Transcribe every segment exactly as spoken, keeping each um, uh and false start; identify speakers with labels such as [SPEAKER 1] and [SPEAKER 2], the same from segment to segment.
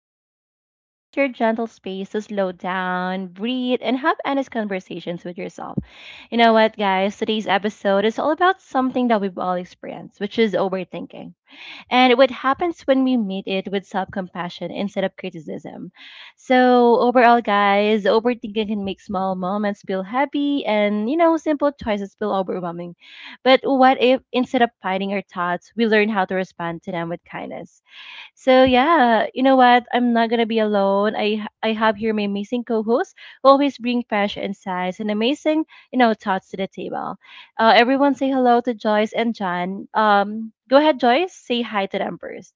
[SPEAKER 1] Abby again, and this is your gentle space to slow down, breathe, and have honest conversations with yourself. You know what, guys? Today's episode is all about something that we've all experienced, which is overthinking and what happens when we meet it with self compassion instead of criticism. So, overall, guys, overthinking can make small moments feel happy and, you know, simple choices feel overwhelming. But what if instead of fighting our thoughts, we learn how to respond to them with kindness? So yeah, you know what? I'm not gonna be alone. I I have here my amazing co-hosts who always bring fresh insights and amazing, you know, thoughts to the table. Uh, everyone say hello to Joyce and John. Um, go ahead, Joyce. Say hi to them first.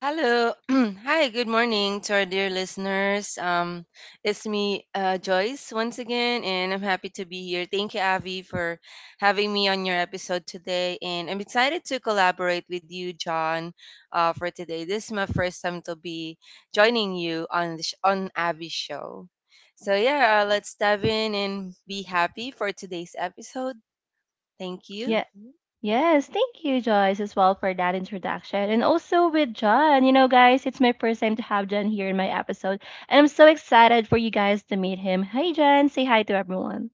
[SPEAKER 2] Hello. Hi, good morning to our dear listeners. Um, it's me, uh, Joyce, once again, and I'm happy to be here. Thank you, Avi, for having me on your episode today. And I'm excited to collaborate with you, John, uh, for today. This is my first time to be joining you on the sh- on Avi's show. So, yeah, uh,
[SPEAKER 3] Right.
[SPEAKER 2] let's dive in and be happy for today's episode. Thank you.
[SPEAKER 1] Yeah. Yes, thank you, Joyce, as well for that introduction. And also with John, you know, guys, it's my first time to have John here in my episode. And I'm so excited for you guys to meet him. Hi, John. Say hi to everyone.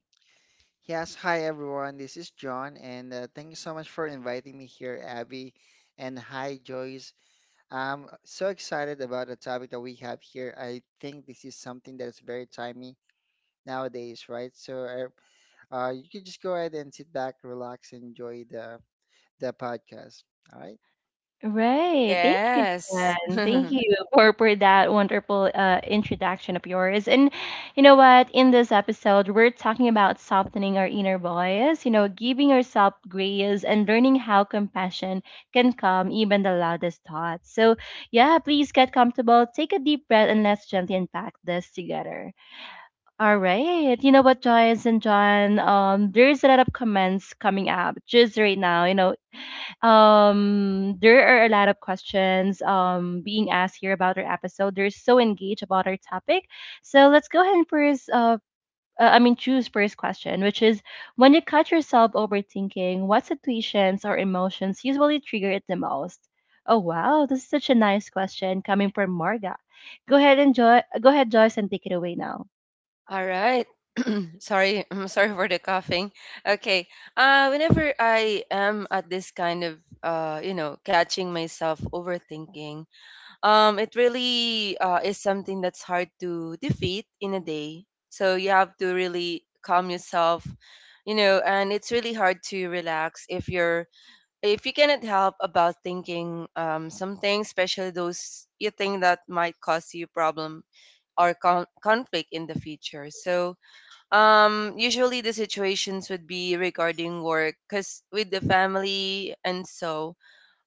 [SPEAKER 3] Yes, hi everyone. This is John, and uh, thank you so much for inviting me here, Abby. And hi, Joyce. I'm so excited about the topic that we have here. I think this is something that's very timely nowadays, right? So uh, uh, you can just go ahead and sit back, relax, and enjoy the the podcast. All right.
[SPEAKER 1] Right. Thank you.
[SPEAKER 2] Yes.
[SPEAKER 1] Jan. Thank you for, for that wonderful uh, introduction of yours. And you know what? In this episode, we're talking about softening our inner voice, you know, giving ourselves grace and learning how compassion can calm even the loudest thoughts. So, yeah, please get comfortable, take a deep breath, and let's gently unpack this together. All right. You know what, Joyce and John? Um, there's a lot of comments coming up just right now. You know, um, there are a lot of questions um being asked here about our episode. They're so engaged about our topic. So let's go ahead and first uh uh, I mean, choose first question, which is when you catch yourself overthinking, what situations or emotions usually trigger it the most? Oh wow, this is such a nice question coming from Marga. Go ahead and Joy, go ahead, Joyce, and take it away now.
[SPEAKER 2] All right. sorry, I'm sorry for the coughing. Okay. Uh, whenever I am at this kind of, uh, you know, catching myself overthinking, um, it really uh, is something that's hard to defeat in a day. So you have to really calm yourself, you know, and it's really hard to relax if you're if you cannot help about thinking um something, especially those you think that might cause you problem or con- conflict in the future. So um, usually the situations would be regarding work, because with the family and so,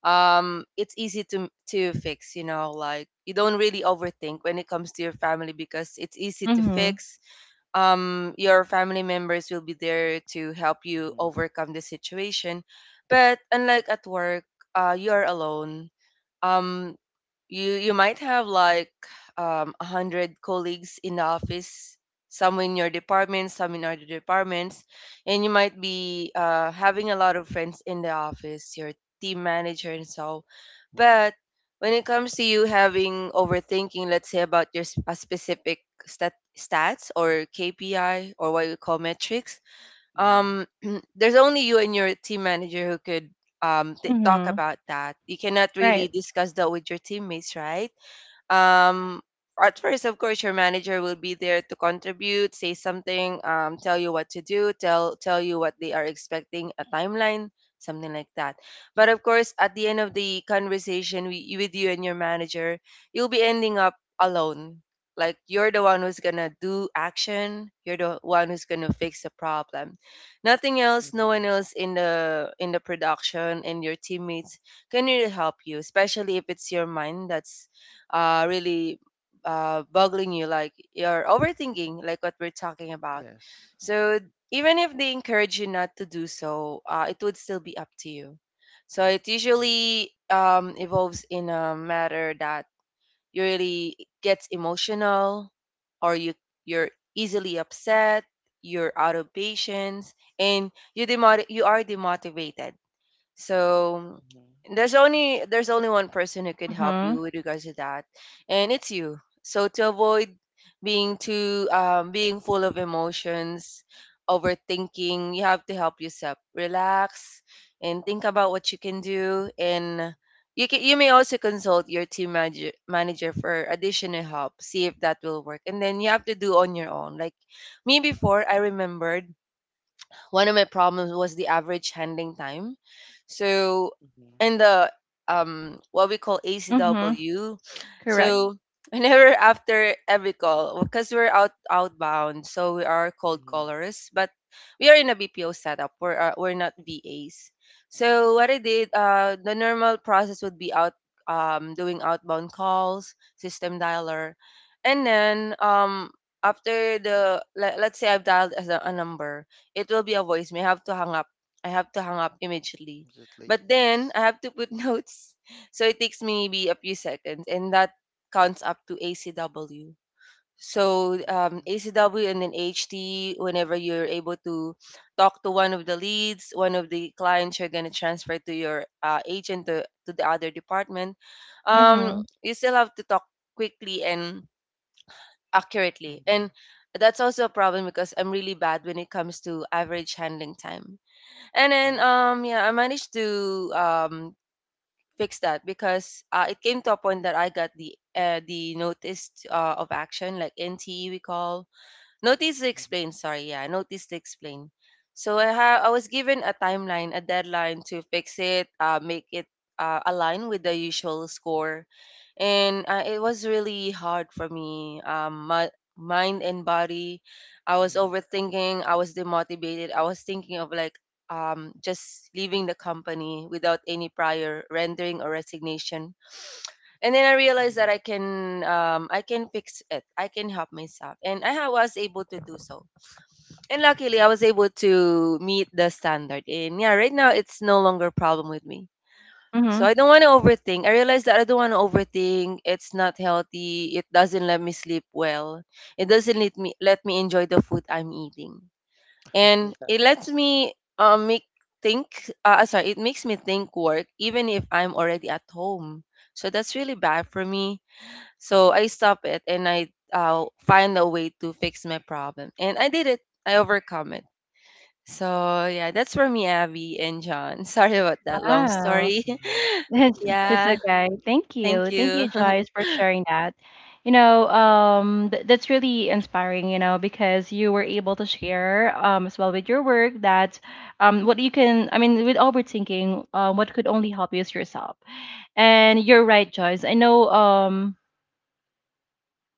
[SPEAKER 2] um, it's easy to to fix. You know, like you don't really overthink when it comes to your family because it's easy to
[SPEAKER 1] Mhm.
[SPEAKER 2] fix. Um, your family members will be there to help you
[SPEAKER 3] Mm-hmm.
[SPEAKER 2] overcome the situation, but unlike at work, uh, you are alone. Um, you you might have like um, one hundred colleagues in the office, some in your department, some in other departments, and you might be uh, having a lot of friends in the office, your team manager and so. But when it comes to you having overthinking, let's say about your s- a specific stat, stats or kpi or what we call metrics,
[SPEAKER 3] Mm-hmm.
[SPEAKER 2] um there's only you and your team manager who could um t- talk
[SPEAKER 1] Mhm.
[SPEAKER 2] about that. You cannot really
[SPEAKER 1] Right.
[SPEAKER 2] discuss that with your teammates, right? um, at first, of course, your manager will be there to contribute, say something, um, tell you what to do, tell tell you what they are expecting, a timeline, something like that. But of course, at the end of the conversation wi- with you and your manager, you'll be ending up alone. Like, you're the one who's gonna do action, you're the one who's gonna fix the problem. Nothing else, no one
[SPEAKER 3] Hmm.
[SPEAKER 2] else in the in the production and your teammates can really help you, especially if it's your mind that's uh, really uh, boggling you, like you're overthinking, like what we're talking about.
[SPEAKER 3] Yes.
[SPEAKER 2] So even if they encourage you not to do so, uh, it would still be up to you. So it
[SPEAKER 3] Mm-hmm.
[SPEAKER 2] usually um, evolves in a matter that you really gets emotional, or you you're easily upset, you're out of patience, and you demot- you are demotivated. So there's only there's only one person who can help you
[SPEAKER 1] Mhm.
[SPEAKER 2] with regards to that, and it's you. So to avoid being too um, being full of emotions, overthinking, you have to help yourself. Relax and think about what you can do, and you can you may also consult your team manager manager for additional help. See if that will work, and then you have to do on your own. Like me before, I remembered one of my problems was the average handling time. So
[SPEAKER 3] Mm-hmm.
[SPEAKER 2] in the um what we call
[SPEAKER 1] Mhm.
[SPEAKER 2] A C W,
[SPEAKER 1] Correct.
[SPEAKER 2] so whenever after every call, because we're out outbound, so we are cold
[SPEAKER 3] Mm-hmm. Hmm.
[SPEAKER 2] callers, but we are in a B P O setup. We're uh, we're not V As. So what I did, uh, the normal process would be out um doing outbound calls, system dialer, and then um after the let, let's say I've dialed as a, a number, it will be a voicemail. I have to hang up. I have to hang up immediately.
[SPEAKER 3] Absolutely.
[SPEAKER 2] But then
[SPEAKER 3] Yes.
[SPEAKER 2] I have to put notes. So it takes maybe a few seconds and that counts up to A C W. So um,
[SPEAKER 3] Mm-hmm.
[SPEAKER 2] A C W and then H T, whenever you're able to talk to one of the leads, one of the clients, you're going to transfer to your uh, agent to, to the other department, um,
[SPEAKER 1] Mhm.
[SPEAKER 2] you still have to talk quickly and accurately.
[SPEAKER 3] Mm-hmm.
[SPEAKER 2] And that's also a problem because I'm really bad when it comes to average handling time. And then
[SPEAKER 3] Oh.
[SPEAKER 2] um yeah, I managed to um fix that because uh, it came to a point that I got the uh, the notice uh, of action, like N T E we call, Notice to explain, sorry, yeah, notice to explain. So I ha- I was given a timeline, a deadline to fix it, uh, make it uh, align with the usual score, and uh, it was really hard for me. Um, my mind and body, I was
[SPEAKER 3] Mm-hmm.
[SPEAKER 2] overthinking. I was demotivated. I was thinking of like um just leaving the company without any prior rendering or resignation, and then I realized
[SPEAKER 3] Mm-hmm.
[SPEAKER 2] that I can um, I can fix it. I can help myself, and I ha- was able to do so. And luckily, I was able to meet the standard. And yeah, right now it's no longer a problem with me. So
[SPEAKER 1] Mhm.
[SPEAKER 2] I don't want to
[SPEAKER 3] Mhm.
[SPEAKER 2] overthink. I realized that I don't want to overthink. It's not healthy. It doesn't let me sleep well. It doesn't let me let me enjoy the food I'm eating, and
[SPEAKER 3] Yeah.
[SPEAKER 2] it lets me um make think. Uh, sorry, it makes me think work even if I'm already at home. So that's really bad for me, so I stop it and I uh, find a way to fix my problem. And I did it. I overcome it. So yeah, that's for me, Abby and John. Sorry about that long
[SPEAKER 1] Wow.
[SPEAKER 2] story.
[SPEAKER 3] Mhm.
[SPEAKER 1] That's
[SPEAKER 3] Yeah.
[SPEAKER 1] that's
[SPEAKER 2] yeah,
[SPEAKER 1] okay. Thank
[SPEAKER 2] thank
[SPEAKER 1] you. Thank you,
[SPEAKER 2] you.
[SPEAKER 1] Joyce, for sharing that. You know, um, th- that's really inspiring, you know, because you were able to share um, as well with your work that um, what you can, I mean, with overthinking, uh, what could only help you is yourself. And you're right, Joyce. I know um,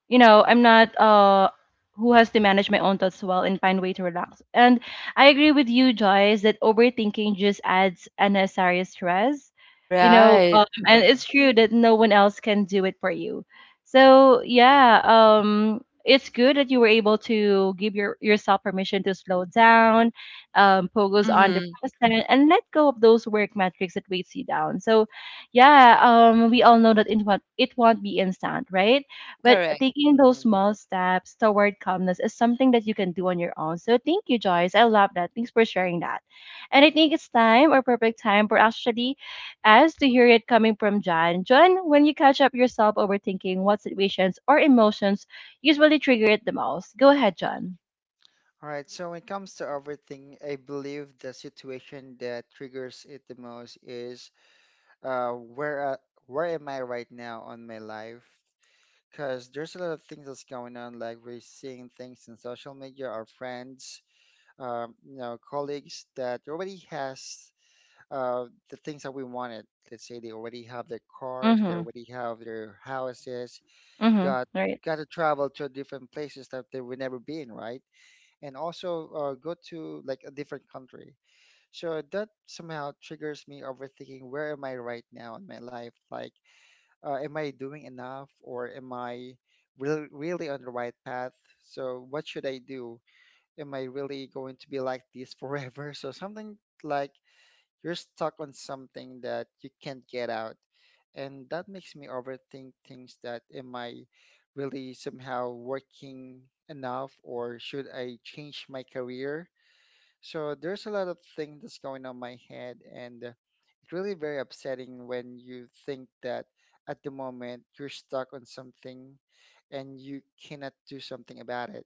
[SPEAKER 1] you know,
[SPEAKER 3] Mhm.
[SPEAKER 1] I'm not uh who has to manage my own thoughts well and find way to relax, and I agree with you, Joyce, that overthinking just adds unnecessary stress, you know,
[SPEAKER 2] right.
[SPEAKER 1] um, and
[SPEAKER 3] Uh-huh.
[SPEAKER 1] it's true that no one else can do it for you. So yeah, um it's good that you were able to give your yourself permission to slow down, um focus on the
[SPEAKER 2] Mm-hmm.
[SPEAKER 1] present and let go of those work metrics that weighs you down. So yeah, um we all know that it won't it won't be instant, right? But
[SPEAKER 2] Correct.
[SPEAKER 1] taking those
[SPEAKER 3] Mhm.
[SPEAKER 1] small steps toward calmness is something that you can do on your own. So thank you, Joyce. I love that. Thanks for sharing that. And I think it's time or perfect time for actually us to hear it coming from John. John, when you catch up yourself overthinking, what situations or emotions usually trigger it the most? Go ahead, John.
[SPEAKER 3] All right. So when it comes to everything, I believe the situation that triggers it the most is, uh, where uh, where am I right now on my life? Because there's a lot of things that's going on. Like we're seeing things in social media, our friends, um, you know, colleagues that already has uh, the things that we wanted. Let's say they already have their cars, they
[SPEAKER 1] Mm-hmm.
[SPEAKER 3] already have their houses,
[SPEAKER 1] Mm-hmm.
[SPEAKER 3] got
[SPEAKER 1] Right.
[SPEAKER 3] got to travel to different places that they would never been, right? And also uh, go to like a different country. So that somehow triggers me overthinking. Where am I right now in my life? Like, uh, am I doing enough, or am I really really on the right path? So what should I do? Am I really going to be like this forever? So something like you're stuck on something that you can't get out. And that makes me overthink things that am I really somehow working enough, or should I change my career? So there's a lot of things that's going on my head, and uh, it's really very upsetting when you think that at the moment you're stuck on something and you cannot do something about it,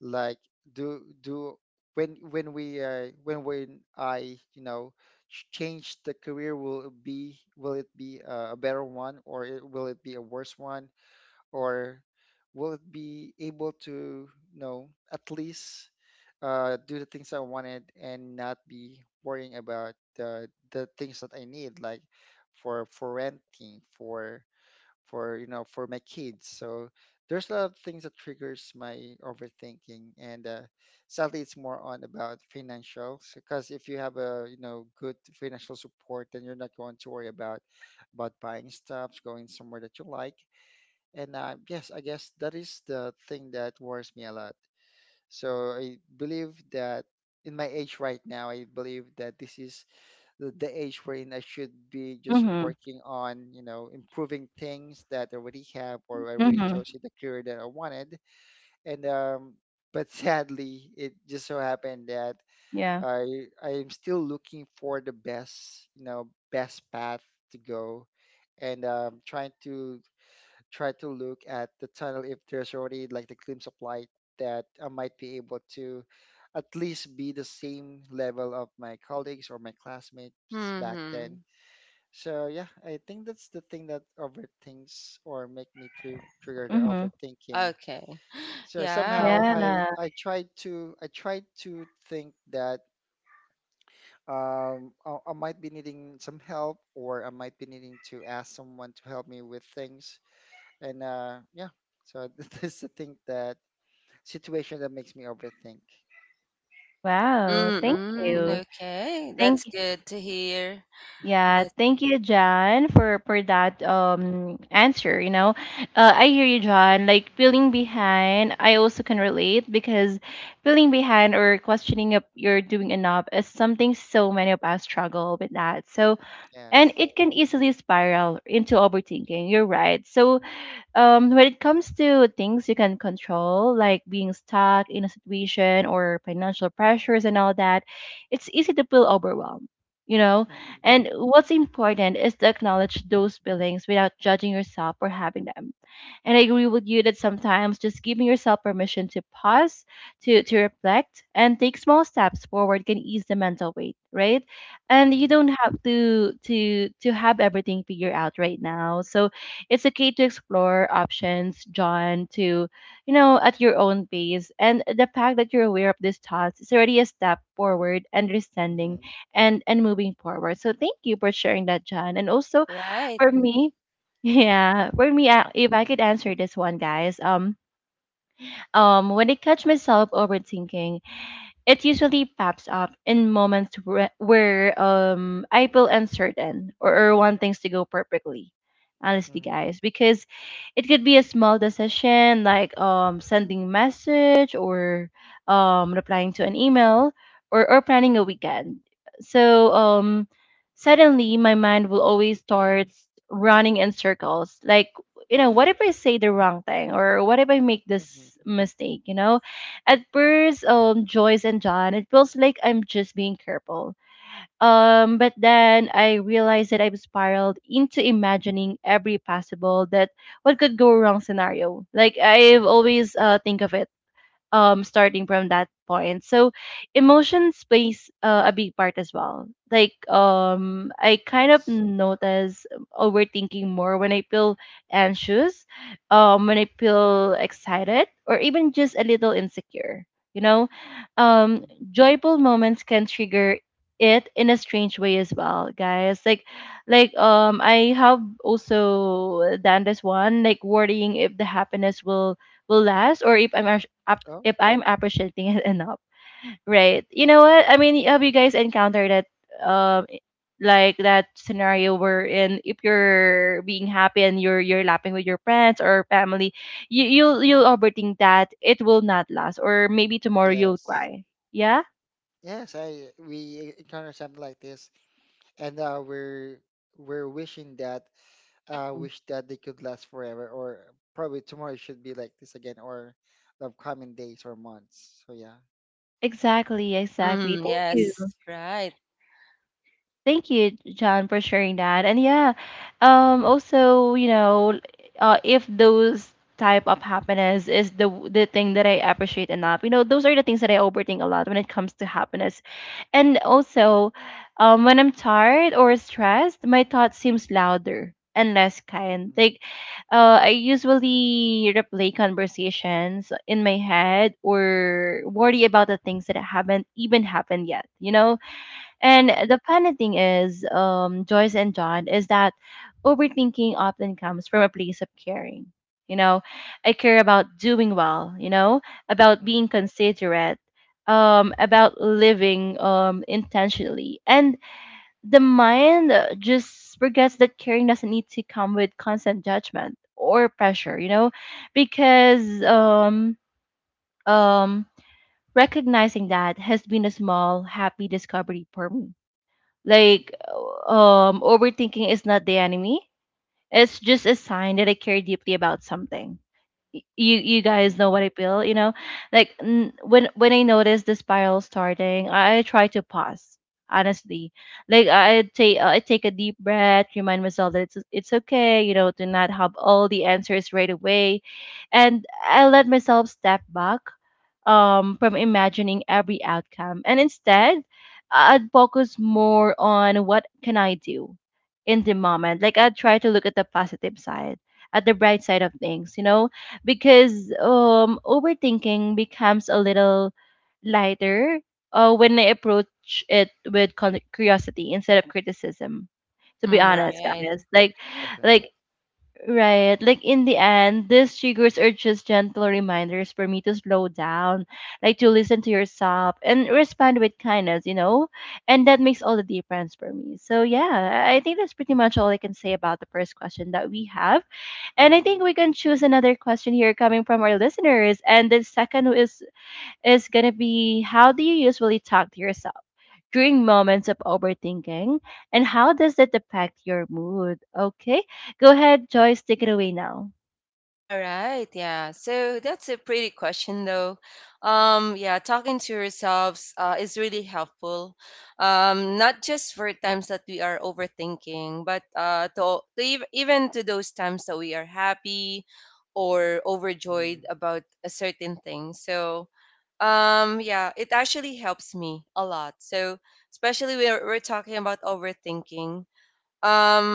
[SPEAKER 3] like do do when when we uh, when when I you know ch- change the career. Will it be will it be uh, a better one, or it, will it be a worse one, or will it be able to you know at least uh, do the things I wanted and not be worrying about the the things that I need, like for for renting, for for you know for my kids. So there's a lot of things that triggers my overthinking, and uh, sadly it's more on about financials, because if you have a, you know good financial support, then you're not going to worry about about buying stuff, going somewhere that you like. And uh, yes, I guess that is the thing that worries me a lot. So I believe that in my age right now, I believe that this is the the age wherein I should be just
[SPEAKER 1] Mm-hmm.
[SPEAKER 3] working on, you know, improving things that I already have, or I already
[SPEAKER 1] Mm-hmm.
[SPEAKER 3] chose the career that I wanted. And um, but sadly, it just so happened that
[SPEAKER 1] Yeah.
[SPEAKER 3] I I am still looking for the best, you know, best path to go, and um, trying to try to look at the tunnel if there's already like the glimpse of light that I might be able to at least be the same level of my colleagues or my classmates back then.
[SPEAKER 2] Mm-hmm.
[SPEAKER 3] So yeah, I think that's the thing that overthinks or make me tri trigger the
[SPEAKER 1] Mm-hmm.
[SPEAKER 3] overthinking.
[SPEAKER 2] Okay.
[SPEAKER 3] So
[SPEAKER 2] Yeah.
[SPEAKER 3] somehow I
[SPEAKER 1] Yeah.
[SPEAKER 3] I try to I try to think that um I, I might be needing some help, or I might be needing to ask someone to help me with things. And uh yeah, so that's the thing, that situation that makes me overthink.
[SPEAKER 1] Wow. Thank
[SPEAKER 2] Mm-mm.
[SPEAKER 1] you.
[SPEAKER 2] Okay. That's
[SPEAKER 1] Thank
[SPEAKER 2] good to hear.
[SPEAKER 1] Yeah,
[SPEAKER 2] That's
[SPEAKER 1] thank you, John, for for that um answer. You know, uh, I hear you, John. Like feeling behind, I also can relate because feeling behind or questioning if you're doing enough is something so many of us struggle with that. So, and
[SPEAKER 3] Yes.
[SPEAKER 1] it can easily spiral into overthinking. You're right. So um, when it comes to things you can control, like being stuck in a situation or financial pressures and all that, it's easy to feel overwhelmed, you know? And
[SPEAKER 3] Mm-hmm.
[SPEAKER 1] what's important is to acknowledge those feelings without judging yourself for having them. And I agree with you that sometimes just giving yourself permission to pause, to, to reflect, and take small steps forward can ease the mental weight, right? And you don't
[SPEAKER 3] Mm-hmm.
[SPEAKER 1] have to to to have everything figured out right now. So it's okay to explore options, John, to, you know, at your own pace. And the fact that you're aware of these thoughts is already a step forward, understanding
[SPEAKER 3] Mm-hmm.
[SPEAKER 1] and and moving forward. So thank you for sharing that, John. And also
[SPEAKER 2] right.
[SPEAKER 1] for me, yeah, for me, I- if I could answer this one, guys, um, um, when I catch myself overthinking, it usually pops up in moments where, where um I feel uncertain or, or want things to go perfectly. Honestly,
[SPEAKER 3] Mm-hmm.
[SPEAKER 1] guys, because it could be a small decision like um sending message or um replying to an email or, or planning a weekend. So um suddenly my mind will always start running in circles. Like, you know, what if I say the wrong thing or what if I make this mistake, you know? At first, um, Joyce and John, it feels like I'm just being careful. Um, but then I realized that I've spiraled into imagining every possible that what could go wrong scenario. Like I've
[SPEAKER 3] Mm-hmm.
[SPEAKER 1] always uh, think of it um starting from that point. So emotions plays uh, a big part as well, like um I kind of
[SPEAKER 3] Yes.
[SPEAKER 1] notice overthinking more when I feel anxious, um when I feel excited or even just a little insecure, you know. um
[SPEAKER 3] Mhm.
[SPEAKER 1] Joyful moments can trigger it in a strange way as well, guys, like like um I have also done this one, like worrying if the happiness will will last or if i'm act-
[SPEAKER 3] Oh,
[SPEAKER 1] if I'm appreciating it enough, right? You know what I mean? Have you guys encountered that, um, like that scenario wherein if you're being happy and you're you're laughing with your friends or family, you you'll you'll overthink that it will not last, or maybe tomorrow you'll
[SPEAKER 3] yes.
[SPEAKER 1] cry. Yeah.
[SPEAKER 3] Yes, I we e-, encounter something like this, and uh, we're we're wishing that uh
[SPEAKER 1] Mhm.
[SPEAKER 3] wish that they could last forever, or probably tomorrow it should be like this again, or the upcoming days or months. So yeah.
[SPEAKER 1] Exactly, exactly.
[SPEAKER 2] Mm,
[SPEAKER 1] Thank you.
[SPEAKER 2] yes. Right.
[SPEAKER 1] Thank you, John, for sharing that. And yeah, um, also, you know, uh, if those type of happiness is the the thing that I appreciate enough, you know, those are the things that I overthink a lot when it comes to happiness. And also, um, when I'm tired or stressed, my thought seems louder and less kind.
[SPEAKER 3] Mm-hmm.
[SPEAKER 1] Like, uh, I usually replay conversations in my head or worry about the things that haven't even happened yet. You know, and
[SPEAKER 3] Mm-hmm.
[SPEAKER 1] the funny thing is, um, Joyce and John, is that overthinking often comes from a place of caring. You know, I care about doing well, you know, about being considerate, um, about living um, intentionally. And the mind uh, just forgets that caring doesn't need to come with constant judgment or pressure, you know, because um, um, recognizing that has been a small, happy discovery for me, like, um, overthinking is not the enemy. It's just a sign that I care deeply about something. Y- you you guys
[SPEAKER 3] Mm-hmm.
[SPEAKER 1] know what I feel, you know? Like n- when when I notice the spiral starting, I I try to pause. Honestly, like I take I take a deep breath, remind myself that it's it's okay, you know, to not have all the answers right away, and I let myself step back, um, from imagining every outcome, and instead, I'd focus more on what can I do in the moment. Like I'd try to look at the positive side, at the bright side of things, you know, because um overthinking becomes a little lighter uh, when I approach it with con- curiosity instead of criticism. To be
[SPEAKER 2] Mm,
[SPEAKER 3] Mm-hmm.
[SPEAKER 1] honest,
[SPEAKER 3] Okay.
[SPEAKER 2] right.
[SPEAKER 1] guys, like,
[SPEAKER 3] Okay.
[SPEAKER 1] like right, like in the end, these triggers are just gentle reminders for me to slow down, like to listen to yourself and respond with kindness, you know, and that makes all the difference for me. So yeah, I I think that's pretty much all I can say about the first question that we have. And I
[SPEAKER 3] Mm-hmm.
[SPEAKER 1] think we can choose another question here coming from our listeners. And the second is is gonna be how do you usually talk to yourself during moments of overthinking, and how does that affect your mood? Okay, go ahead, Joyce, take it away now.
[SPEAKER 2] All right, yeah. So that's a pretty question, though. Um, yeah, talking to yourselves uh, is really helpful. Um, not just for times that we are overthinking, but uh, to, to ev- even to those times that we are happy or
[SPEAKER 3] Mm-hmm.
[SPEAKER 2] overjoyed about a certain thing. So, um, yeah, it actually helps me a lot. So, especially we're we're talking about overthinking, um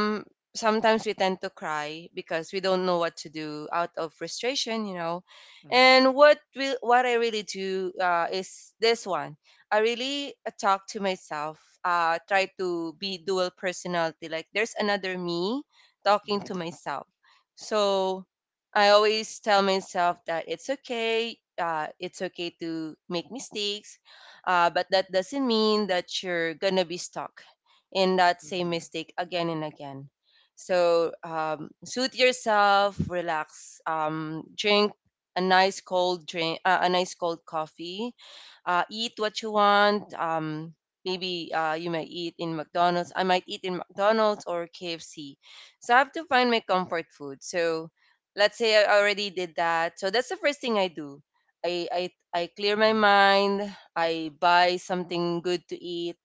[SPEAKER 2] sometimes we tend to cry because we don't know what to do out of frustration, you know.
[SPEAKER 3] Mm-hmm.
[SPEAKER 2] And what will what I really do uh, is this one. I really uh, talk to myself, uh, try to be dual personality, like there's another me talking
[SPEAKER 3] Mm-hmm.
[SPEAKER 2] to myself. So I always tell myself that it's okay, uh, it's okay to make mistakes, uh, but that doesn't mean that you're gonna be stuck in that same
[SPEAKER 3] Mm-hmm.
[SPEAKER 2] mistake again and again. So um, soothe yourself, relax, um, drink a nice cold drink, uh, a nice cold coffee, uh, eat what you want. Um, maybe uh, you might eat in McDonald's. I might eat in McDonald's or K F C. So I have to find my comfort food. So let's say I already did that. So that's the first thing I do. I, I, I clear my mind. I buy something good to eat,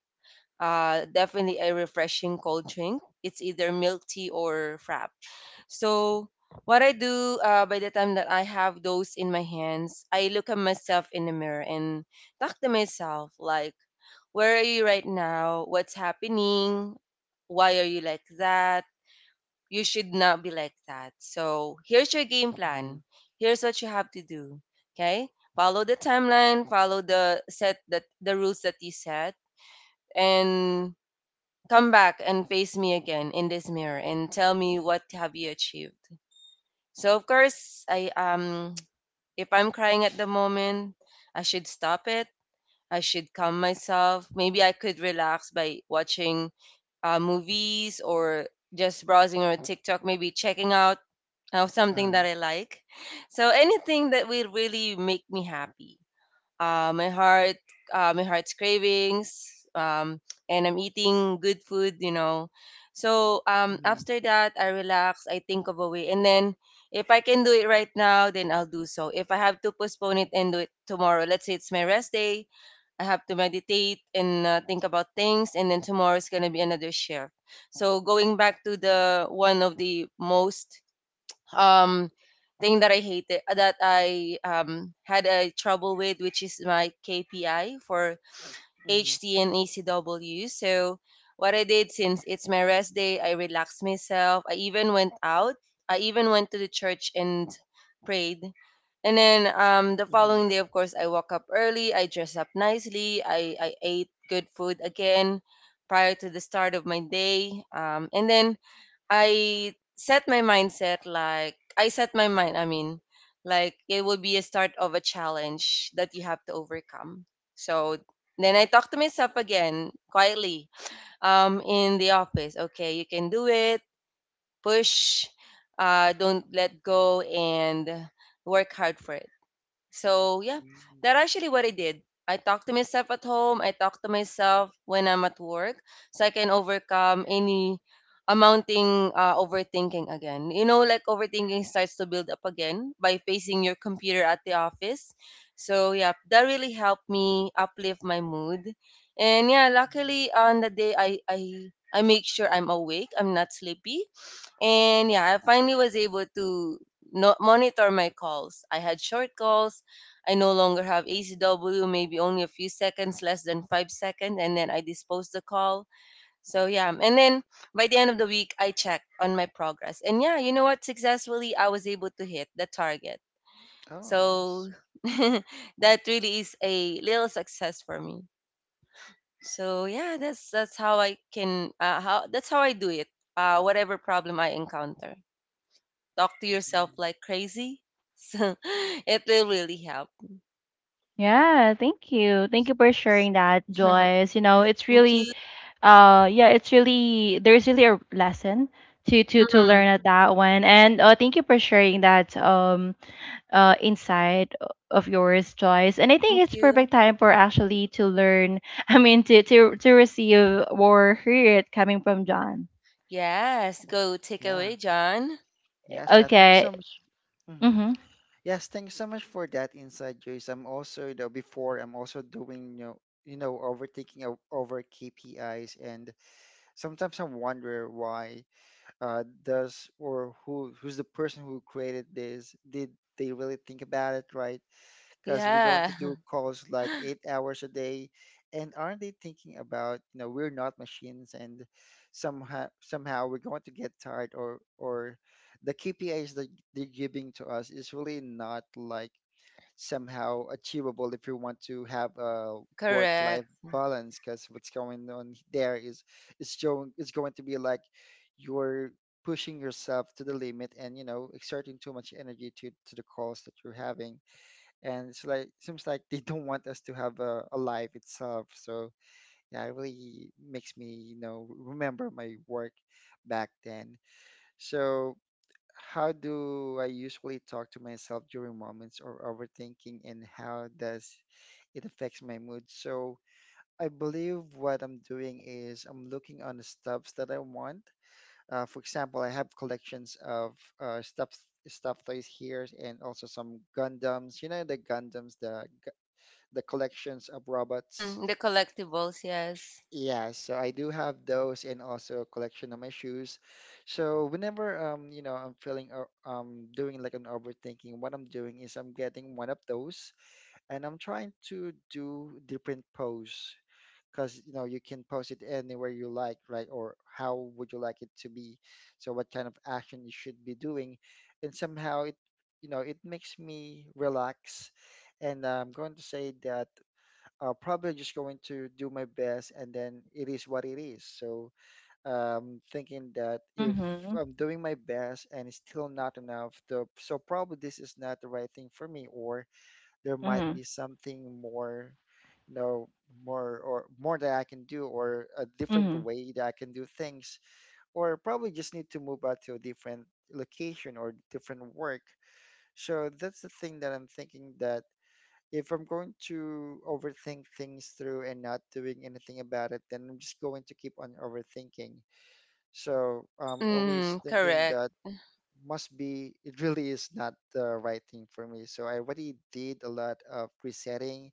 [SPEAKER 2] uh, definitely a refreshing cold drink. It's either milk tea or frap. So what I do, uh, by the time that I have those in my hands, I look at myself in the mirror and talk to myself like, where are you right now? What's happening? Why are you like that? You should not be like that. So here's your game
[SPEAKER 3] Mm-hmm.
[SPEAKER 2] plan. Here's what you have to do. Okay? Follow the timeline, follow the set that the rules that you set, and come back and face me again in this mirror and tell me what have you achieved. So of course, I um if I'm crying at the moment, I should stop it. I should calm myself. Maybe I could relax by watching uh, movies or just browsing on TikTok, maybe checking out uh, something
[SPEAKER 3] Uh-huh.
[SPEAKER 2] that I like. So anything that will really make me happy, uh, my heart, uh, my heart's cravings, um, and I'm eating good food, you know. So um,
[SPEAKER 3] Mm-hmm.
[SPEAKER 2] after that, I relax, I think of a way, and then if I can do it right now, then I'll do so. If I have to postpone it and do it tomorrow, let's say it's my rest day, I have to meditate and uh, think about things, and then tomorrow is gonna be another shift. So going back to the one of the most um thing that I hated, uh, that I um had a trouble with, which is my K P I for
[SPEAKER 3] Mm-hmm.
[SPEAKER 2] H T and A C W. So what I did, since it's my rest day, I relaxed myself. I even went out. I even went to the church and prayed. And then um, the
[SPEAKER 3] Mm-hmm.
[SPEAKER 2] following day, of course, I woke up early. I dressed up nicely. I, I ate good food again prior to the start of my day. Um, and then I set my mindset like I set my mind, I mean, like it will be a start of a challenge that you have to overcome. So then I talk to myself again quietly um, in the office. Okay, you can do it. Push. Uh, don't let go and work hard for it. So yeah,
[SPEAKER 3] Mm-hmm.
[SPEAKER 2] that actually what I did. I talk to myself at home. I talk to myself when I'm at work, so I can overcome any amounting uh, overthinking again. You know, like overthinking starts to build up again by facing your computer at the office. So yeah, that really helped me uplift my mood. And yeah,
[SPEAKER 3] Mm-hmm.
[SPEAKER 2] luckily on the day I I I make sure I'm awake. I'm not sleepy. And yeah, I finally was able to no- monitor my calls. I had short calls. I no longer have A C W, maybe only a few seconds, less than five seconds, and then I dispose the call. So yeah, and then by the end of the week, I checked on my progress. And yeah, you know what? Successfully, I was able to hit the target.
[SPEAKER 3] Oh, nice.
[SPEAKER 2] So that really is a little success for me. So yeah, that's that's how I can uh, how that's how I do it. Uh, whatever problem I encounter talk to yourself
[SPEAKER 3] Mm-hmm.
[SPEAKER 2] like crazy. So it will really help.
[SPEAKER 1] Yeah, thank you. Thank you for
[SPEAKER 3] Nice.
[SPEAKER 1] sharing that, Joyce. You know, it's
[SPEAKER 2] Thank
[SPEAKER 1] really
[SPEAKER 2] you.
[SPEAKER 1] uh yeah, it's really there's really a lesson to to to
[SPEAKER 2] Mm,
[SPEAKER 1] learn at that one. And uh, thank you for sharing that um uh, inside o- of yours, Joyce. And I think
[SPEAKER 2] thank
[SPEAKER 1] it's
[SPEAKER 2] you.
[SPEAKER 1] perfect time for actually to learn. I mean, to to to receive or hear it coming from John.
[SPEAKER 2] Yes, go take
[SPEAKER 3] Yeah.
[SPEAKER 2] away, John.
[SPEAKER 3] Yes, I thank you
[SPEAKER 1] Okay.
[SPEAKER 3] so much. Hmm.
[SPEAKER 1] Mhm.
[SPEAKER 3] Yes, thanks so much for that insight, Joyce. I'm also, you know, before, I'm also doing, you know, you know, overthinking o- over K P Is, and sometimes I wonder why, uh, does or who who's the person who created this? Did they really think about it, right? Because we're going
[SPEAKER 2] Yeah,
[SPEAKER 3] to do calls like eight hours a day. And aren't they thinking about, you know, we're not machines, and somehow somehow we're going to get tired, or or the K P is that they're giving to us is really not like somehow achievable if you want to have a work life
[SPEAKER 2] correct.
[SPEAKER 3] balance, because what's going on there is it's showing it's going to be like you're pushing yourself to the limit, and you know exerting too much energy to to the calls that you're having. And it's like seems like they don't want us to have a, a life itself. So yeah, it really makes me you know remember my work back then. So how do I usually talk to myself during moments of overthinking, and how does it affects my mood? So I believe what I'm doing is I'm looking on the stuffs that I want. Uh, for example, I have collections of, uh, stuff stuff toys here, and also some Gundams. You know, the Gundams, the the collections of robots.
[SPEAKER 2] Mm, the collectibles, yes.
[SPEAKER 3] Yeah, so I do have those, and also a collection of my shoes. So whenever, um you know I'm feeling, o- um doing like an overthinking, what I'm doing is I'm getting one of those, and I'm trying to do different pose, because you know you can pose it anywhere you like, right? Or how would you like it to be? So what kind of action you should be doing, and somehow it you know it makes me relax. And I'm going to say that, uh, probably just going to do my best, and then it is what it is. So um, thinking that if
[SPEAKER 1] Mhm.
[SPEAKER 3] I'm doing my best and it's still not enough, the, so probably this is not the right thing for me, or there might
[SPEAKER 1] Mhm.
[SPEAKER 3] be something more, you know, more or more that I can do, or a different
[SPEAKER 1] Mhm.
[SPEAKER 3] way that I can do things, or probably just need to move out to a different location or different work. So that's the thing that I'm thinking, that if I'm going to overthink things through and not doing anything about it, then I'm just going to keep on overthinking. So I'm
[SPEAKER 2] Mm,
[SPEAKER 3] always thinking
[SPEAKER 2] correct.
[SPEAKER 3] that must be, it really is not the right thing for me. So I already did a lot of resetting,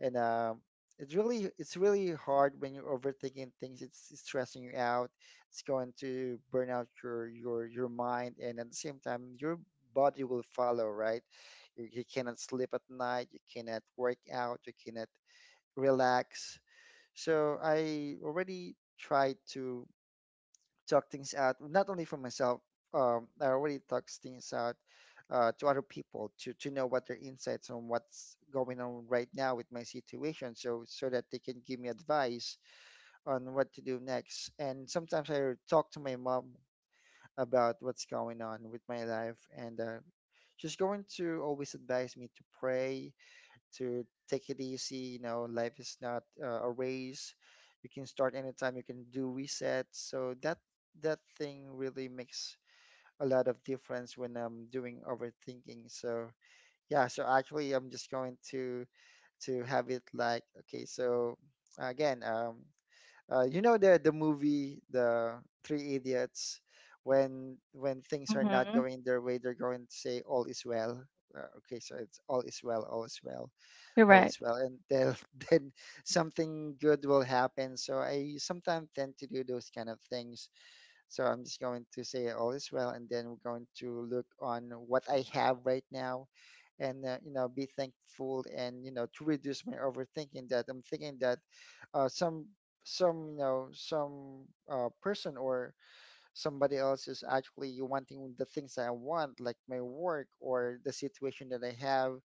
[SPEAKER 3] and um, it's really it's really hard when you're overthinking things. It's, it's stressing you out. It's going to burn out your your your mind, and at the same time, your body will follow. Right? You, you cannot sleep at night. You cannot work out. You cannot relax. So I already tried to talk things out, not only for myself. Um, I already talk things out uh, to other people, to, to know what their insights on what's going on right now with my situation, so so that they can give me advice on what to do next. And sometimes I talk to my mom about what's going on with my life, and uh, she's going to always advise me to pray, to take it easy. You know, life is not uh, a race. You can start anytime. You can do resets. So that that thing really makes a lot of difference when I'm doing overthinking. So yeah, so actually I'm just going to to have it like, okay. So again, um, uh, you know the the movie, the Three Idiots. When when things are not
[SPEAKER 1] Mhm.
[SPEAKER 3] going their way, they're going to say all is well. Uh, okay, so it's all is well, all is well, all is
[SPEAKER 1] Correct.
[SPEAKER 3] well, and then then something good will happen. So I sometimes tend to do those kind of things. So I'm just going to say all is well, and then we're going to look on what I have right now, and uh, you know be thankful, and you know to reduce my overthinking, that I'm thinking that, uh, some some you know some uh, person or somebody else is actually wanting the things that I want, like my work or the situation that I have.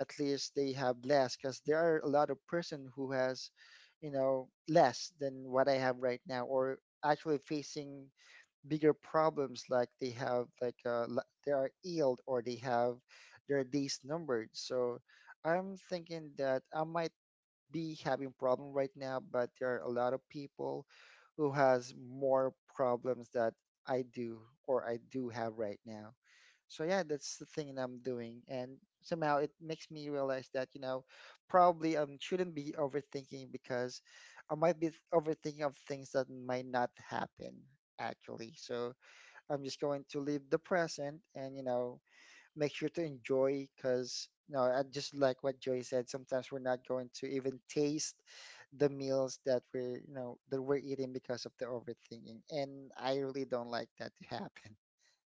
[SPEAKER 3] At least they have less, because there are a lot of person who has you know less than what I have right now, or actually facing bigger problems, like they have like uh, l- they are ill, or they have their days numbered. So I'm thinking that I might be having problem right now, but there are a lot of people who has more problems that I do, or I do have right now. So yeah, that's the thing I'm doing, and somehow it makes me realize that, you know, probably um shouldn't be overthinking, because I might be overthinking of things that might not happen actually. So I'm just going to live the present and you know make sure to enjoy because you know I just like what Joy said. Sometimes we're not going to even taste the meals that we're you know that we're eating because of the overthinking, and I really don't like that to happen.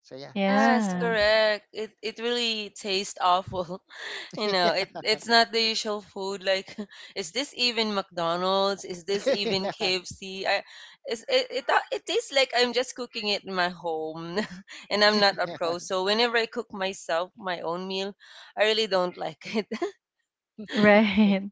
[SPEAKER 3] So yeah, that's it
[SPEAKER 2] Yes,
[SPEAKER 3] for
[SPEAKER 1] Yeah.
[SPEAKER 3] me.
[SPEAKER 2] correct. It it really tastes awful. You know, it it's not the usual food. Like, is this even McDonald's? Is this even
[SPEAKER 3] Yeah.
[SPEAKER 2] K F C? I, it's, it it ta- It tastes like I'm just cooking it in my home, and I'm not a
[SPEAKER 3] Yeah.
[SPEAKER 2] pro. So whenever I cook myself my own meal, I really don't like it.
[SPEAKER 1] Right.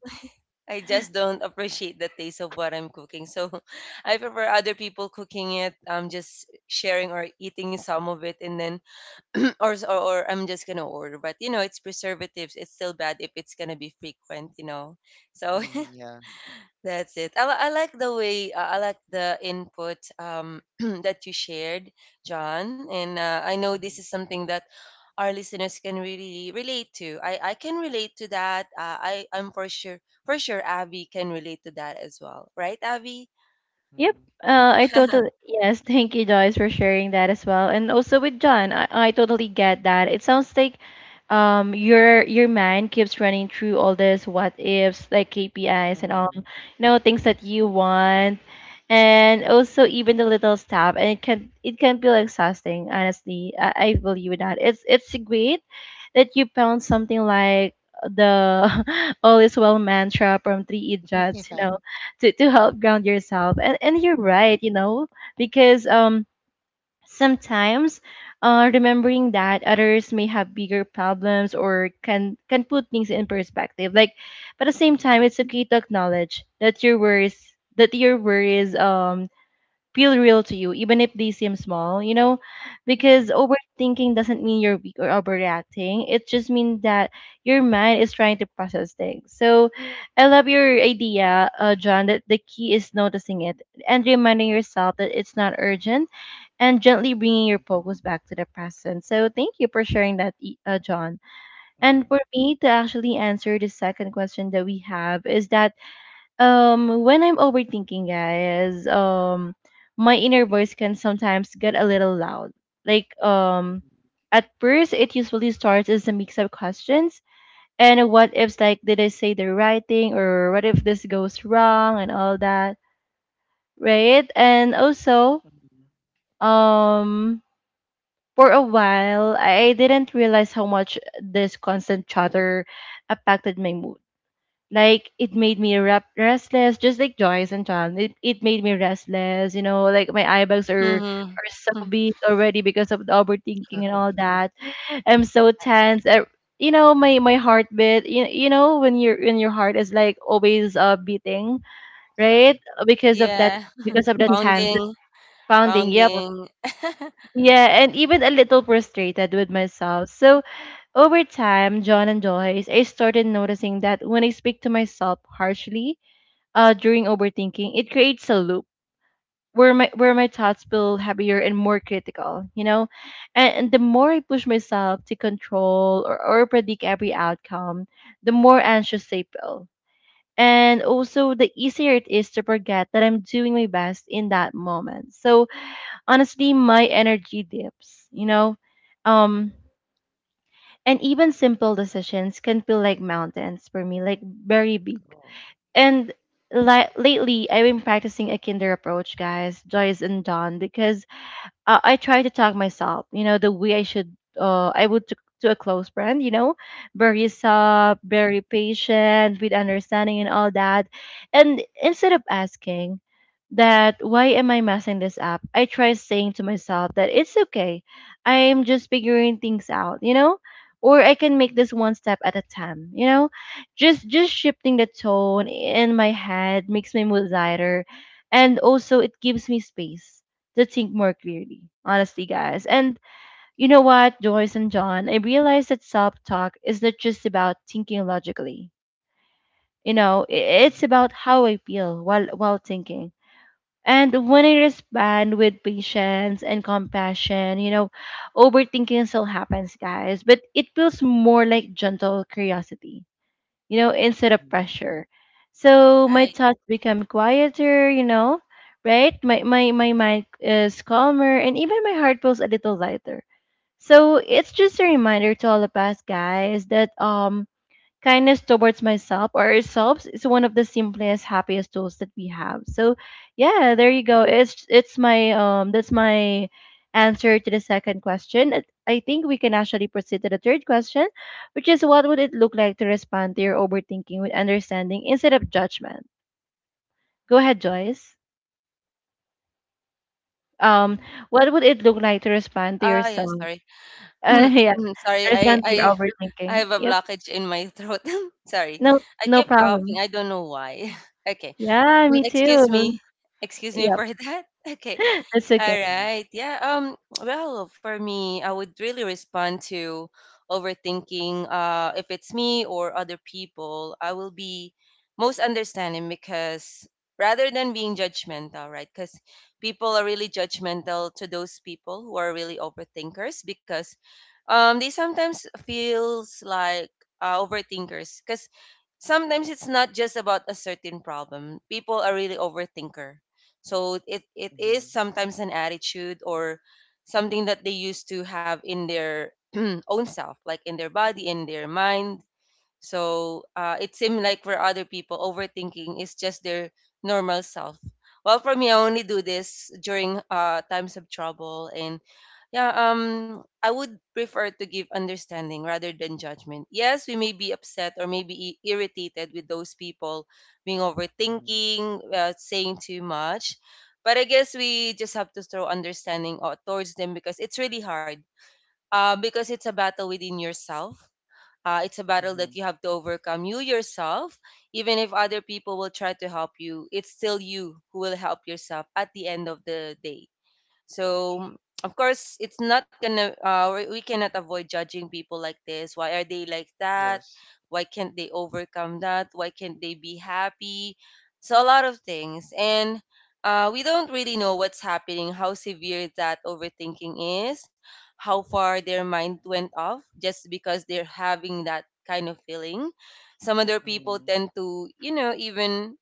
[SPEAKER 2] I just don't appreciate the taste of what I'm cooking. So I prefer other people cooking it. I'm just sharing or eating some of it, and then or, s- or or I'm just gonna order. But you know, it's preservatives. It's still bad if it's gonna be frequent. You know, so
[SPEAKER 3] Mm, yeah.
[SPEAKER 2] that's it. I, li- I like the way uh, I like the input um, that you shared, John. And uh, I know this is something that our listeners can really relate to. I, I can relate to that. Uh, I I'm for sure, for sure Abby can relate to that as well, right, Abby?
[SPEAKER 1] Yep.
[SPEAKER 3] Mm,
[SPEAKER 1] Uh, I totally yes. Thank you, Joyce, for sharing that as well. And also with John, I, I totally get that. It sounds like um your your mind keeps running through all this what ifs, like K P Is
[SPEAKER 3] mm,
[SPEAKER 1] and all, you
[SPEAKER 3] mm,
[SPEAKER 1] know, things that
[SPEAKER 3] yes.
[SPEAKER 1] you want, and also even the little stuff. And it can it can feel exhausting. Honestly, I, I believe that. It's it's great that you found something like the all is well mantra from three idiots, you know, to, to help ground yourself, and and you're right, you know, because um sometimes uh remembering that others may have bigger problems or can can put things in perspective, like, but at the
[SPEAKER 3] Yeah.
[SPEAKER 1] same time
[SPEAKER 3] Mm,
[SPEAKER 1] it's okay to acknowledge that your worries, that your worries um feel real to you, even if they seem small, you know? Because
[SPEAKER 3] mm, mm,
[SPEAKER 1] overthinking doesn't mean you're weak or overreacting. It just means that your mind is trying to process things. So I love your idea, uh, John, that the key is noticing it, and reminding yourself that it's not urgent, and gently bringing your focus back to the present. So thank you for sharing that, E- uh, John. And
[SPEAKER 3] mm,
[SPEAKER 1] for me to actually answer the second question that we have is that, um, when I'm overthinking, guys, um, my inner voice can sometimes get a little loud. Like, um, at first, it usually starts as a mix of questions and what ifs, like, did I say the right thing, or what if this goes wrong, and all that, right? And also,
[SPEAKER 3] mm, mm.
[SPEAKER 1] um, for a while, I didn't realize how much this constant chatter affected my mood. Like, it made me rep- restless, just like Joyce and John. it, it made me restless, you know, like my eye bags are
[SPEAKER 2] Mm-hmm.
[SPEAKER 1] are so big already because of the overthinking and all
[SPEAKER 3] Okay.
[SPEAKER 1] that. I'm so tense. I, you know, my my heartbeat, you, you know when your when your heart is like always uh beating,
[SPEAKER 3] Yeah.
[SPEAKER 1] right? Because of that,
[SPEAKER 2] Yeah,
[SPEAKER 1] because of that tense, that
[SPEAKER 2] pounding,
[SPEAKER 1] pounding, yep.
[SPEAKER 2] pounding.
[SPEAKER 1] Yeah, and even a little frustrated with myself. So over time, John and Joyce, I started noticing that when I speak to myself harshly, uh, during overthinking, it creates a loop where my where my thoughts
[SPEAKER 3] Mm,
[SPEAKER 1] feel heavier and more critical, you know, and, and the more I push myself to control, or, or predict every outcome, the more anxious I feel, and also the easier it is to forget that I'm doing my best in that moment. So honestly, my energy dips, you know, um,
[SPEAKER 3] mm.
[SPEAKER 1] and even simple decisions can feel like mountains for me, like very big.
[SPEAKER 3] Oh.
[SPEAKER 1] And li- lately, I've been practicing a kinder approach, guys, Joyce and John, because uh, I try to talk myself, you know, the way I should, uh, I would to, to a close friend, you know, very soft,
[SPEAKER 3] Mm,
[SPEAKER 1] very patient, with understanding and all that. And instead of asking that, why am I messing this up? I try saying to myself that it's okay. I'm just figuring things out, you know, or I can make this one step at a time, you know, just, just shifting the tone in my head makes my mood lighter. And also it gives me space to think more clearly, honestly,
[SPEAKER 3] mm, mm,
[SPEAKER 1] guys. And you know what, Joyce and John, I realized that self talk is not just about thinking logically. You know, i-
[SPEAKER 3] mm,
[SPEAKER 1] it's
[SPEAKER 3] mm,
[SPEAKER 1] about how I feel while while thinking. And when I respond with patience and compassion, you know, overthinking still happens, guys, but it feels more like gentle curiosity, you know, instead of
[SPEAKER 3] mm,
[SPEAKER 1] pressure. So my
[SPEAKER 2] Right.
[SPEAKER 1] thoughts become quieter, you know, right? My my my mind is calmer and even my heart feels a little lighter. So it's just a reminder to all of us, guys, that um kindness towards myself or ourselves is one of the simplest happiest tools that we have. So yeah,
[SPEAKER 3] mm,
[SPEAKER 1] there you go. It's it's my um that's my answer to the second question. It- I think we can actually proceed to the third question, which is, what would it look like to respond to your overthinking with understanding instead of judgment? Go ahead, Joyce. um
[SPEAKER 3] mhm,
[SPEAKER 1] what would it look like to respond to
[SPEAKER 2] Ah, yeah,
[SPEAKER 1] yourself?
[SPEAKER 2] sorry.
[SPEAKER 1] uh, yeah,
[SPEAKER 2] Mm, Sorry,
[SPEAKER 1] to
[SPEAKER 2] I,
[SPEAKER 1] respond to your
[SPEAKER 2] I I
[SPEAKER 1] overthinking,
[SPEAKER 2] have a
[SPEAKER 1] yep.
[SPEAKER 2] blockage in my throat. Sorry.
[SPEAKER 1] No,
[SPEAKER 2] I
[SPEAKER 1] no
[SPEAKER 2] keep coughing.
[SPEAKER 1] problem.
[SPEAKER 2] I don't know why. Okay.
[SPEAKER 1] Yeah,
[SPEAKER 2] Mm,
[SPEAKER 1] me
[SPEAKER 2] Excuse
[SPEAKER 1] too.
[SPEAKER 2] me. Excuse me
[SPEAKER 1] Yep.
[SPEAKER 2] for that. Okay.
[SPEAKER 1] That's okay.
[SPEAKER 2] All
[SPEAKER 3] mhm,
[SPEAKER 2] right. Yeah. Um. Well, for me, I would really respond to overthinking. Uh, if it's me or other people, I will be most understanding because rather than being judgmental, right? Because people are really judgmental to those people who are really overthinkers because um they sometimes feels like uh, overthinkers because sometimes it's not just about a certain problem. People are really overthinker, so it it is sometimes an attitude or something that they used to have in their own self, like in their body, in their mind, so uh, it seemed like for other people, overthinking is just their normal self. Well, for me, I only do this during uh, times of trouble, and yeah, um, I would prefer to give understanding rather than judgment. Yes, we may be upset or maybe i- irritated with those people being
[SPEAKER 3] mhm, mhm,
[SPEAKER 2] overthinking, uh, saying too much, but I guess we just have to throw understanding out towards them because it's really hard. Uh, because it's a battle within yourself, uh, it's a battle
[SPEAKER 3] mhm.
[SPEAKER 2] that you have to overcome. You yourself, even if other people will try to help you, it's still you who will help yourself at the end of the day. So of course, it's not gonna. Uh, we we cannot avoid judging people like this. Why are they like that?
[SPEAKER 3] Yes.
[SPEAKER 2] Why can't they overcome that? Why can't they be happy? So a lot of things, and uh, we don't really know what's happening, how severe that overthinking is, how far their mind went off just because they're having that kind of feeling. Some other people
[SPEAKER 3] Mm,
[SPEAKER 2] tend to, you know, even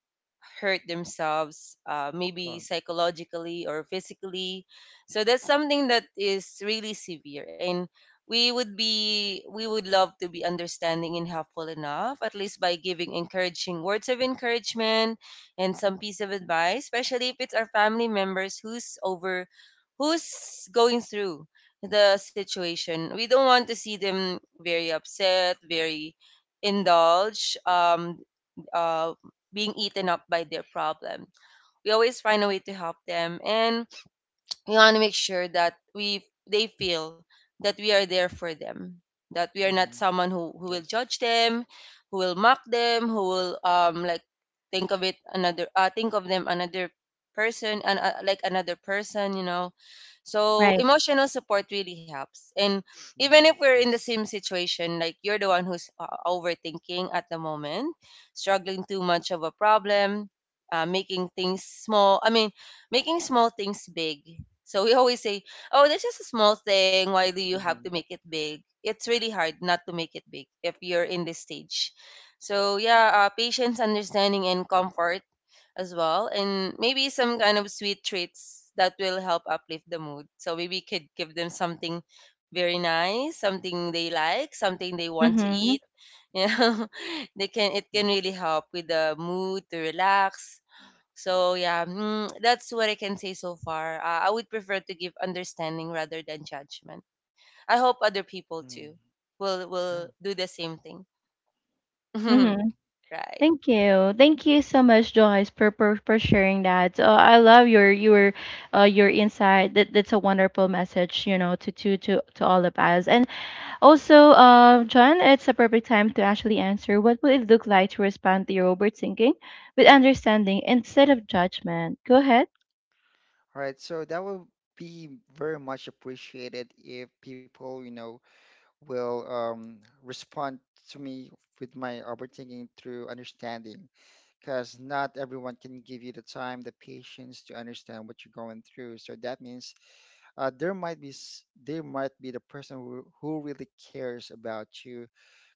[SPEAKER 2] hurt themselves, uh, maybe
[SPEAKER 3] oh.
[SPEAKER 2] psychologically or physically, so that's something that is really severe, and we would be we would love to be understanding and helpful enough, at least by giving encouraging words of encouragement and some piece of advice, especially if it's our family members who's over who's going through the situation. We don't want to see them very upset, very indulged, um uh being eaten up by their problem. We always find a way to help them, and we want to make sure that we they feel that we are there for them, that we are not
[SPEAKER 3] Mhm,
[SPEAKER 2] someone who, who will
[SPEAKER 3] yes.
[SPEAKER 2] judge them, who will mock them, who will um like think of it another uh, think of them another person, and uh, like another person, you know. So
[SPEAKER 1] Right.
[SPEAKER 2] emotional support really helps, and even
[SPEAKER 3] Mm,
[SPEAKER 2] if we're in the
[SPEAKER 3] yes.
[SPEAKER 2] same situation, like you're the one who's uh, overthinking at the moment, struggling too much of a problem, uh, making things small I mean making small things big. So we always say, "Oh, that's just a small thing. Why do you have to
[SPEAKER 3] Mm-hmm.
[SPEAKER 2] make it big?" It's really hard not to make it big if you're in this stage. So yeah, uh, patience, understanding, and comfort as well, and maybe some kind of sweet treats that will help uplift the mood. So maybe we could give them something very nice, something they like, something they want to
[SPEAKER 1] Mm-hmm.
[SPEAKER 2] eat. You know, they can it can really help with the mood to relax. So yeah, mm, that's what I can say so far. Uh, I would prefer to give understanding rather than judgment. I hope other people too will will do the same thing.
[SPEAKER 1] Mm-hmm.
[SPEAKER 3] Mm-hmm.
[SPEAKER 2] Right.
[SPEAKER 1] Thank you. Thank you so much, Joyce, for, for, for sharing that. Uh, I love your your uh, your insight. That that's a wonderful message, you know, to to to, to all of us. And also, uh, John, it's a perfect time to actually answer. What would it look like to respond to your overthinking with understanding instead of judgment? Go ahead.
[SPEAKER 3] All right, so that would be very much appreciated if people, you know, will um, respond to me with my overthinking through understanding, because not everyone can give you the time, the patience to understand what you're going through. So that means uh, there might be s- there might be the person who, who really cares about you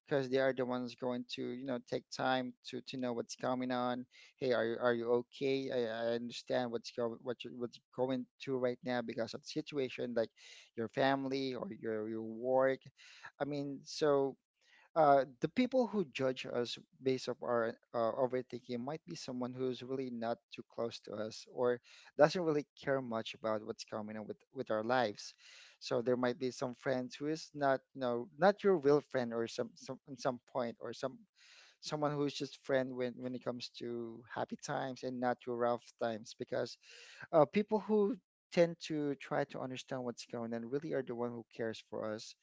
[SPEAKER 3] because they are the ones going to you know take time to to know what's coming on. Hey, are you are you okay? I, I understand what's going what you what's going to right now because of the situation, like your family or your your work. I mean, so uh, the people who judge us based on our uh, overthinking might be someone who's really not too close to us or doesn't really care much about what's coming on with, with our lives. So there might be some friends who is not, you know, not your real friend or some, some at some point or some someone who is just friend when when it comes to happy times and not your rough times because uh, people who tend to try to understand what's going on really are the one who cares for us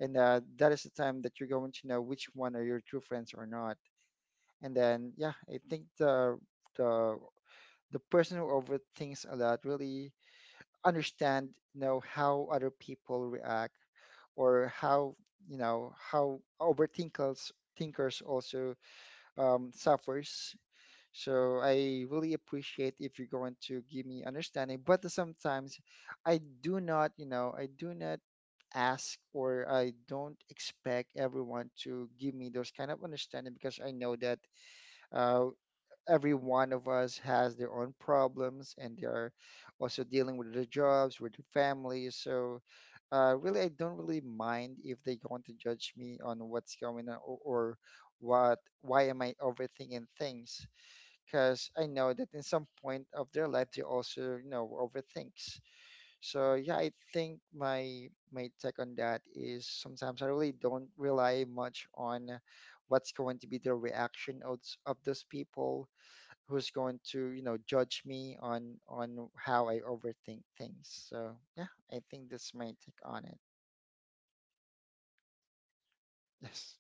[SPEAKER 3] and uh, that is the time that you're going to know which one are your true friends or not. And then, yeah, I think the the the person who overthinks a lot really understand, you know, how other people react or how you know how overthinkers thinkers also um, suffers. So I really appreciate if you're going to give me understanding, but sometimes I do not, you know, I do not ask or I don't expect everyone to give me those kind of understanding because I know that uh, every one of us has their own problems and they are also dealing with their jobs, with their families. So uh, really, I don't really mind if they going to judge me on what's going on or, or what why am I overthinking things because I know that in some point of their life they also you know overthinks. So yeah, I think my my take on that is sometimes I really don't rely much on what's going to be the reaction of s- of those people who's going to, you know, judge me on on how I overthink things. So yeah, I think that's my take on it. Yes.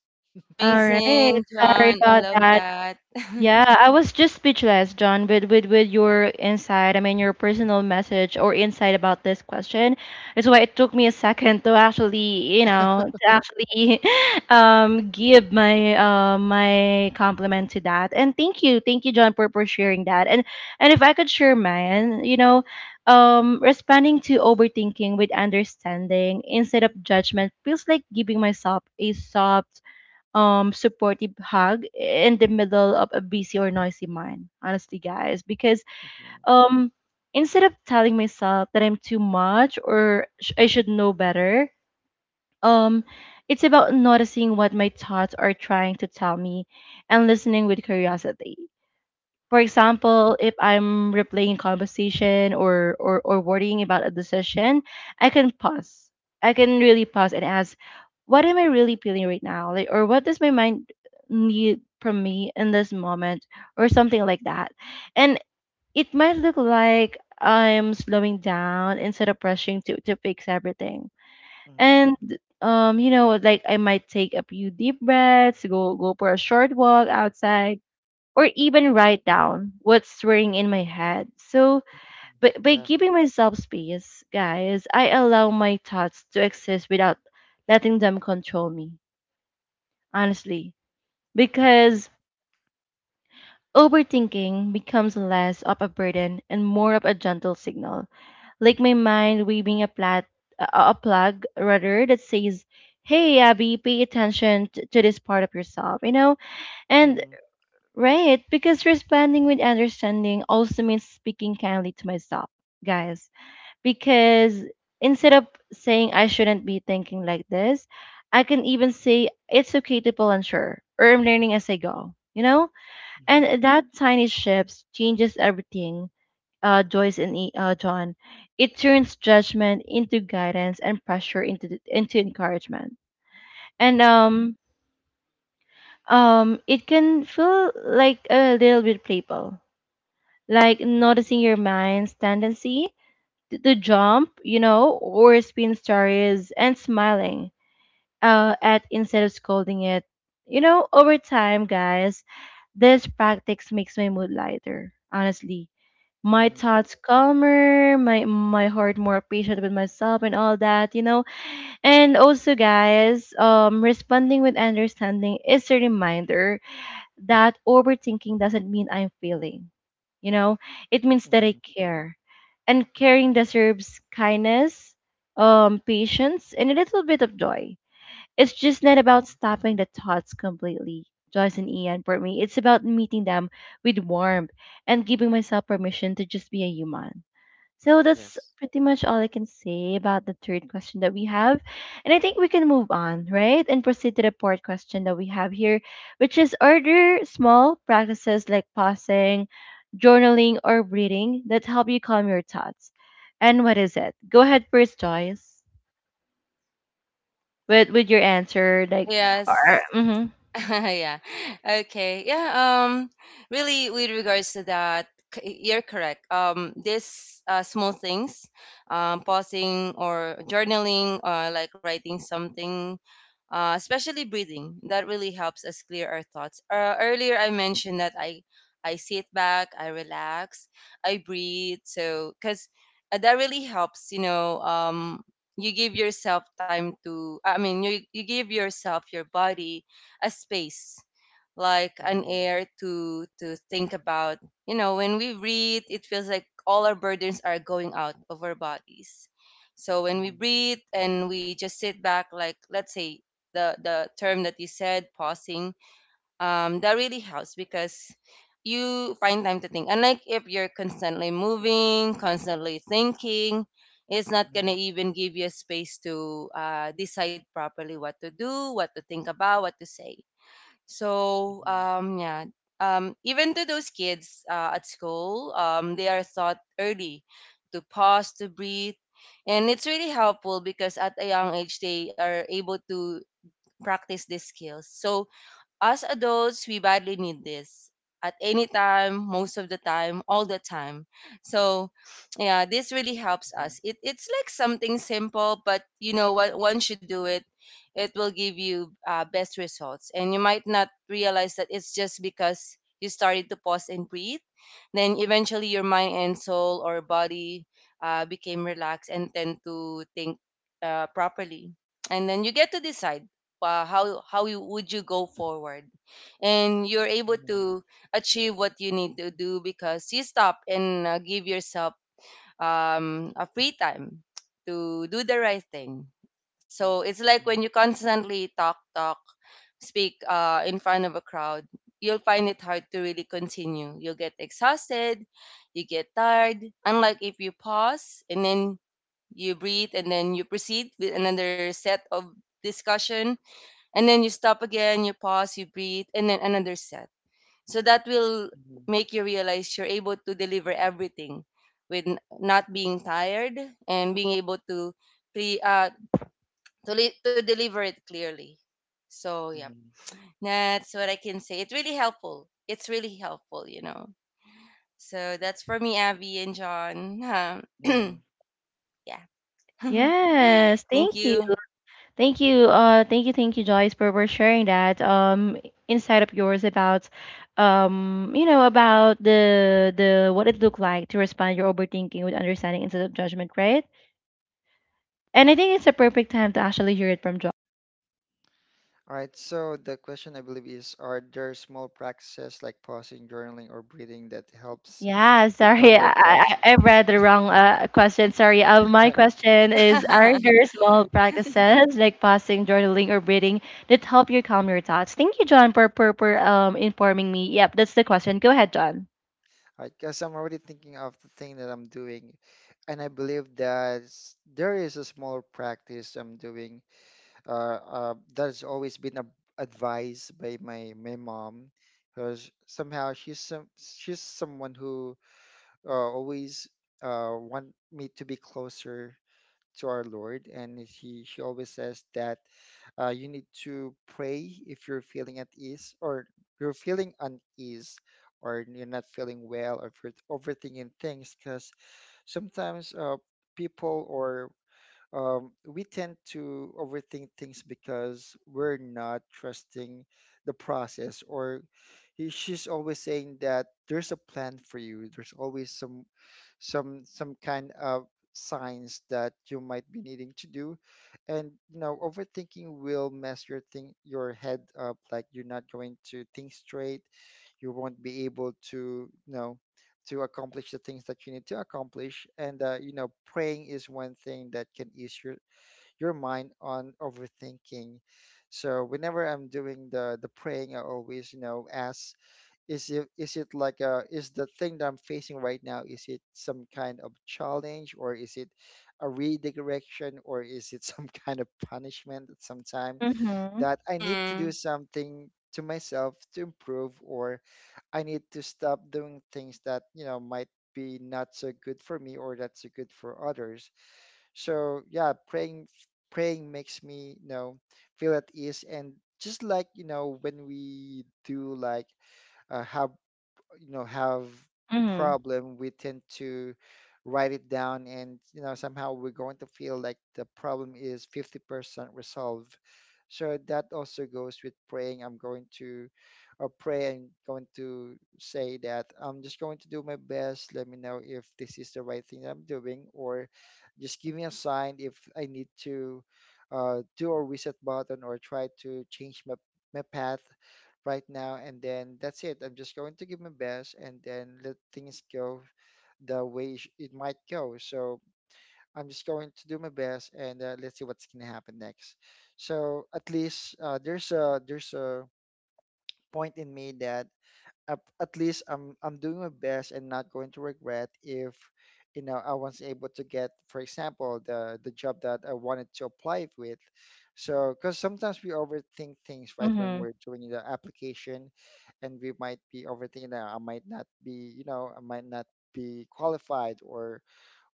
[SPEAKER 1] All right.
[SPEAKER 2] Amazing,
[SPEAKER 1] Sorry
[SPEAKER 2] John. I
[SPEAKER 1] about
[SPEAKER 2] love
[SPEAKER 1] that.
[SPEAKER 2] that.
[SPEAKER 1] Yeah, I was just speechless, John, with, with, with your insight. I mean, your personal message or insight about this question. It's why it took me a second to actually, you know, to actually um, give my uh, my compliment to that. And thank you, thank you, John, for, for sharing that. And and if I could share mine, you know, um, responding to overthinking with understanding instead of judgment feels like giving myself a soft um supportive hug in the middle of a busy or noisy mind, honestly, guys, because
[SPEAKER 3] Hmm,
[SPEAKER 1] um instead of telling myself that I'm too much or sh- I should know better, um it's about noticing what my thoughts are trying to tell me and listening with curiosity. For example, if I'm replaying a conversation, or, or or worrying about a decision, I can pause. I can really pause and ask, what am I really feeling right now? Like, or what does my mind need from me in this moment, or something like that. And it might look like I'm slowing down instead of rushing to to fix everything.
[SPEAKER 3] hmm, hmm.
[SPEAKER 1] And um, you know, like I might take a few deep breaths, go go for a short walk outside, or even write down what's swirling in my head. So, by, by
[SPEAKER 3] Yeah.
[SPEAKER 1] giving myself space, guys, I allow my thoughts to exist without letting them control me, honestly. Because
[SPEAKER 3] Hmm,
[SPEAKER 1] overthinking becomes less of a burden and more of a gentle signal, like my mind waving a, plat- a a plug rather, that says, hey, Abby, pay attention t- to this part of yourself, you know? And
[SPEAKER 3] hmm,
[SPEAKER 1] right, because responding with understanding also means speaking kindly to myself, guys. Because instead of saying I shouldn't be thinking like this, I can even say it's okay to feel unsure, or I'm learning as I go, you know?
[SPEAKER 3] hmm,
[SPEAKER 1] And that tiny shifts changes everything, uh, Joyce and E- uh, John. It turns judgment into guidance and pressure into into encouragement. And um um it can feel like a little bit playful, like noticing your mind's tendency to, to jump, you know, or spin stories, and smiling uh, at instead of scolding it. You know, over time, guys, this practice makes my mood lighter, honestly. My
[SPEAKER 3] hmm,
[SPEAKER 1] thoughts calmer, my my heart more patient with myself and all that, you know. And also, guys, um responding with understanding is a reminder that overthinking doesn't mean I'm failing. You know, it means that I
[SPEAKER 3] hmm,
[SPEAKER 1] care. And caring deserves kindness, um, patience, and a little bit of joy. It's just not about
[SPEAKER 3] hmm.
[SPEAKER 1] stopping the thoughts completely, Joyce and Ian, for me. It's about meeting them with warmth and giving myself permission to just be a human. So that's
[SPEAKER 3] Yes.
[SPEAKER 1] pretty much all I can say about the third question that we have. And I think we can move on, right? And proceed to the fourth question that we have here, which is, are there small practices like pausing, journaling, or breathing that help you calm your thoughts? And what is it? Go ahead first, Joyce, with, with your answer. Like, or,
[SPEAKER 2] Yes.
[SPEAKER 1] mhm.
[SPEAKER 2] Yeah. Okay. Yeah. Um. Really, with regards to that, c- you're correct. Um. These uh, small things, um, pausing or journaling, uh, like writing something, uh, especially breathing, that really helps us clear our thoughts. Uh, earlier, I mentioned that I I sit back, I relax, I breathe. So, cause uh, that really helps. You know. Um. You give yourself time to. I mean, you you give yourself your body a space, like
[SPEAKER 3] Hmm,
[SPEAKER 2] an
[SPEAKER 3] hmm,
[SPEAKER 2] air to to think about. You know, when we breathe, it feels like all our burdens are going out of our bodies. So when we
[SPEAKER 3] hmm,
[SPEAKER 2] breathe and we just sit back, like, let's say the the term that you said, pausing, um that really helps because you find time to think, unlike if you're constantly moving, constantly thinking. It's not gonna
[SPEAKER 3] hmm,
[SPEAKER 2] even give you a space to uh, decide properly what to do, what to think about, what to say. So um, yeah, um, even to those kids uh, at school, um, they are taught early to pause, to breathe, and it's really helpful because at a young age they are able to practice these skills. So as adults, we badly need this at any time, most of the time, all the time. So, yeah, this really helps us. It, it's like something simple, but you know what? Once you do it, it will give you uh, best results. And you might not realize that it's just because you started to pause and breathe. Then eventually, your mind and soul or body uh, became relaxed and tend to think uh, properly. And then you get to decide uh, how how you, would you go forward, and you're able
[SPEAKER 3] hmm,
[SPEAKER 2] to achieve what you need to do because you stop and uh, give yourself um, a free time to do the right thing. So it's like when
[SPEAKER 3] hmm.
[SPEAKER 2] you constantly talk talk speak uh, in front of a crowd, you'll find it hard to really continue. You'll get exhausted. You get tired, unlike if you pause and then you breathe and then you proceed with another set of discussion, and then you stop again, you pause, you breathe, and then another set. So that will
[SPEAKER 3] Mhm,
[SPEAKER 2] make you realize you're able to deliver everything with n- not being tired and being able to pre uh to, li- to deliver it clearly. So yeah,
[SPEAKER 3] mhm,
[SPEAKER 2] that's what I can say. It's really helpful. It's really helpful you know So that's for me, Abby and John. Um,
[SPEAKER 3] mhm.
[SPEAKER 2] yeah.
[SPEAKER 1] Yes,
[SPEAKER 2] Thank
[SPEAKER 1] thank you.
[SPEAKER 2] you.
[SPEAKER 1] Thank you. Uh, thank you, thank you, Joyce, for, for sharing that um insight of yours about um you know, about the the what it looked like to respond your overthinking with understanding instead of judgment, right? And I think it's a perfect time to actually hear it from Joyce.
[SPEAKER 3] All right, so the question I believe is, are there small practices like pausing, journaling, or breathing that helps
[SPEAKER 1] Yeah,
[SPEAKER 3] you calm
[SPEAKER 1] sorry, I,
[SPEAKER 3] your thoughts?
[SPEAKER 1] I, I read the wrong uh, question. Sorry. Uh, my question is: are there small
[SPEAKER 3] Mhm.
[SPEAKER 1] practices like passing, journaling, or breathing that help you calm your thoughts? Thank you, John, for for, for um informing me. Yep, that's the question. Go ahead, John.
[SPEAKER 3] All right, because I'm already thinking of the thing that I'm doing, and I believe that s- there is a small practice I'm doing uh, uh, that has always been a, advised by my, my mom, because somehow she's some, she's someone who uh, always uh, want me to be closer to our Lord, and he she always says that uh, you need to pray if you're feeling at ease or you're feeling unease or you're not feeling well or if you're overthinking things because sometimes uh, people or um, we tend to overthink things because we're not trusting the process or he, she's always saying that there's a plan for you, there's always some some some kind of signs that you might be needing to do, and you know overthinking will mess your thing your head up, like you're not going to think straight, you won't be able to you know to accomplish the things that you need to accomplish. And uh, you know praying is one thing that can ease your your mind on overthinking. So whenever I'm doing the the praying, I always you know ask, is it, is it like a is the thing that I'm facing right now, is it some kind of challenge, or is it a redirection, or is it some kind of punishment at some time
[SPEAKER 1] Mm-hmm.
[SPEAKER 3] that I need to do
[SPEAKER 2] Mm,
[SPEAKER 3] something to myself to improve, or I need to stop doing things that, you know, might be not so good for me or that's so good for others. So yeah, praying praying makes me, you know, feel at ease and just like, you know, when we do like, uh, have you know have
[SPEAKER 1] Mhm.
[SPEAKER 3] problem, we tend to write it down and you know somehow we're going to feel like the problem is fifty percent resolved. So that also goes with praying. I'm going to, or pray, and going to say that I'm just going to do my best. Let me know if this is the right thing that I'm doing, or just give me a sign if I need to uh, do a reset button or try to change my, my path right now, and then that's it. I'm just going to give my best and then let things go the way it sh- it might go. So I'm just going to do my best and uh, let's see what's going to happen next. So at least uh, there's a, there's a point in me that, at, at least I'm I'm doing my best and not going to regret if you know I was able to get, for example, the the job that I wanted to apply with. So, because sometimes we overthink things, right, when
[SPEAKER 1] Mhm.
[SPEAKER 3] we're doing the application, and we might be overthinking that I might not be, you know, I might not be qualified, or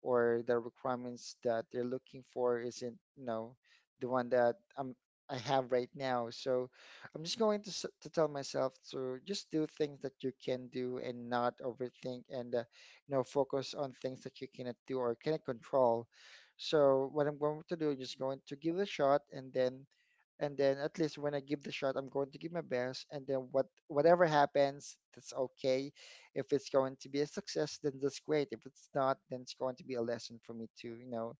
[SPEAKER 3] or the requirements that they're looking for isn't you know the one that I'm I have right now. So I'm just going to s- to tell myself to just do things that you can do and not overthink, and uh, you know focus on things that you cannot do or cannot control. So what I'm going to do is just going to give it a shot, and then and then at least when I give the shot, I'm going to give my best, and then what whatever happens, that's okay. If it's going to be a success, then that's great. If it's not, then it's going to be a lesson for me to, you know,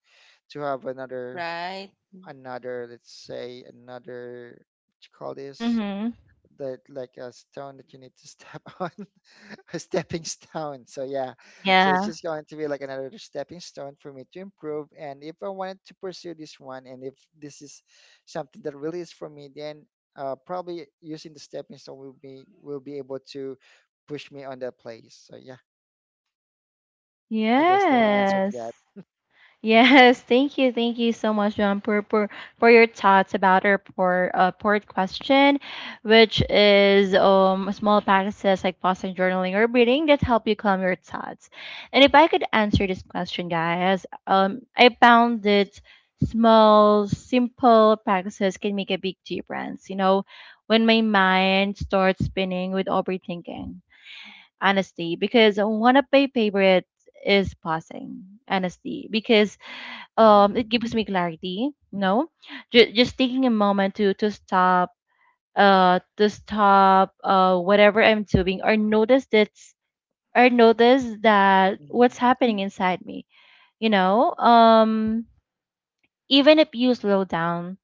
[SPEAKER 3] to have another
[SPEAKER 2] right.
[SPEAKER 3] another, let's say, another what you call this,
[SPEAKER 1] Mhm.
[SPEAKER 3] that, like a stone that you need to step on, a stepping stone. So yeah, so it's
[SPEAKER 1] Yeah.
[SPEAKER 3] just going to be like another stepping stone for me to improve. And if I wanted to pursue this one, and if this is something that really is for me, then uh, probably using the stepping stone will be, will be able to push me on that place. So yeah, I guess the answer to
[SPEAKER 1] Yes.
[SPEAKER 3] that.
[SPEAKER 1] Yes. Thank you. Thank you so much, John, for, for, for your thoughts about our port, uh, port question, which is um small practices like pausing, journaling, or breathing that help you calm your thoughts. And if I could answer this question, guys, um, I found that small, simple practices can make a big difference. You know, when my mind starts spinning with overthinking. Honestly, because one of my favorites is pausing. Honestly, because um
[SPEAKER 3] Mm-hmm.
[SPEAKER 1] it gives me clarity. No, J- just taking a moment to to stop, uh to stop, uh whatever I'm doing, or notice that's or notice that
[SPEAKER 3] Mm-hmm.
[SPEAKER 1] what's happening inside me, you know um even if you slow down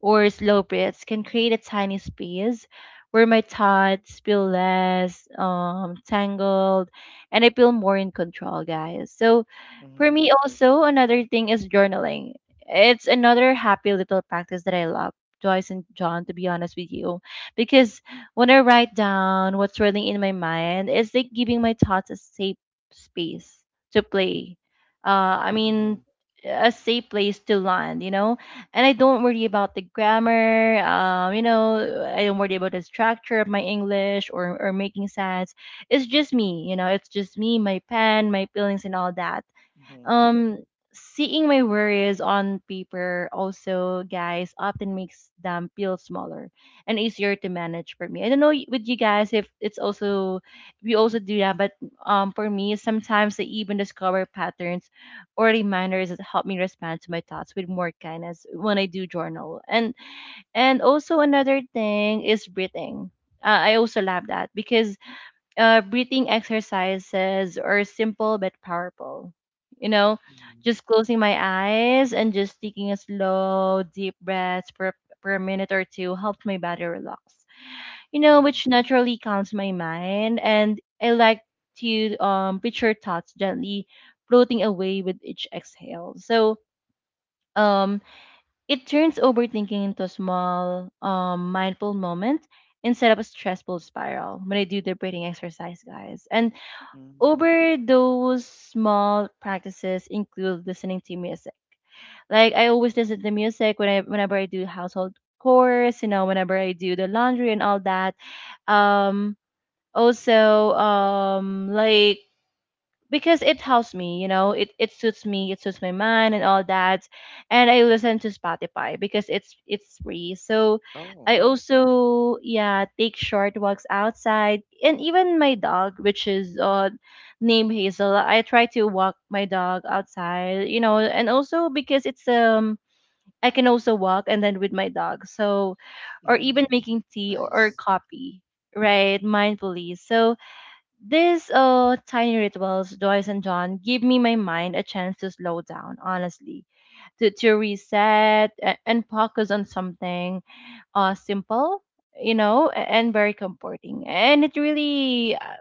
[SPEAKER 1] or slow breaths can create a tiny space where my thoughts feel less um, tangled, and I feel more in control, guys. So, for
[SPEAKER 3] Mm-hmm.
[SPEAKER 1] me, also, another thing is journaling. It's another happy little practice that I love, Joyce and John, to be honest with you. Because when I write down what's swirling in my mind, it's like giving my thoughts a safe space to play. Uh, I mean, a safe place to land, you know? And I don't worry about the grammar. Um, you know, I don't worry about the structure of my English or or making sense. It's just me, you know. It's just me, my pen, my feelings, and all that.
[SPEAKER 3] Mm-hmm.
[SPEAKER 1] Um, seeing my worries on paper also, guys, often makes them feel smaller and easier to manage for me. I don't know y- with you guys if it's also we also do that, but um, for me, sometimes I even discover patterns or reminders that help me respond to my thoughts with more kindness when I do journal. And and also another thing is breathing. Uh, I also love that because uh, breathing exercises are simple but powerful. You know,
[SPEAKER 3] Mm-hmm.
[SPEAKER 1] just closing my eyes and just taking a slow, deep breath for, for a minute or two helps my body relax. You know,
[SPEAKER 3] Mm-hmm. Mm-hmm.
[SPEAKER 1] which naturally calms my mind. And I like to um, picture thoughts gently floating away with each exhale. So um, it turns overthinking into a small, um, mindful moment instead of a stressful spiral when I do the breathing exercise, guys. And
[SPEAKER 3] Mm-hmm.
[SPEAKER 1] over those small practices include listening to music. Like I always listen to music when I whenever I do household chores, you know, whenever I do the laundry and all that. Um also um like because it helps me, you know, it, it suits me, it suits my mind and all that. And I listen to Spotify because it's it's free. So I
[SPEAKER 3] Oh.
[SPEAKER 1] also, yeah, take short walks outside, and even my dog, which is uh named Hazel, I try to walk my dog outside, you know. And also because it's um I can also walk and then with my dog. So or even
[SPEAKER 3] Mm-hmm.
[SPEAKER 1] making tea or, or
[SPEAKER 3] Nice.
[SPEAKER 1] coffee right mindfully. So these uh, tiny rituals, Joyce and John, give me my mind a chance to slow down, honestly, to, to reset and, and focus on something uh, simple, you know, a- and very comforting. And it really, uh,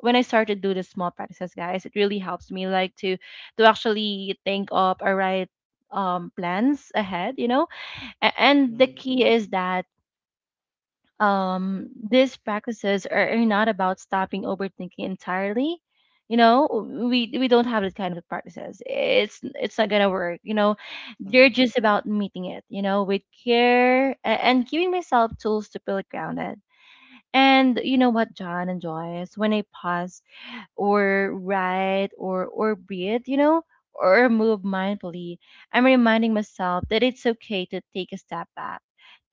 [SPEAKER 1] when I started do the small practices, guys, it really helps me like to to actually think of a right um plans ahead, you know. A- and the
[SPEAKER 3] Mm-hmm.
[SPEAKER 1] key is that um, these practices are, are not about stopping overthinking entirely. You know, we we don't have this kind of practices. It's it's not gonna work. You know, they're
[SPEAKER 3] Mm-hmm.
[SPEAKER 1] just about meeting it. You know, with care a- and giving myself tools to feel grounded. And you know what, John and Joyce, when I pause or write or or breathe, you know, or move mindfully, I'm reminding myself that it's okay to take a step back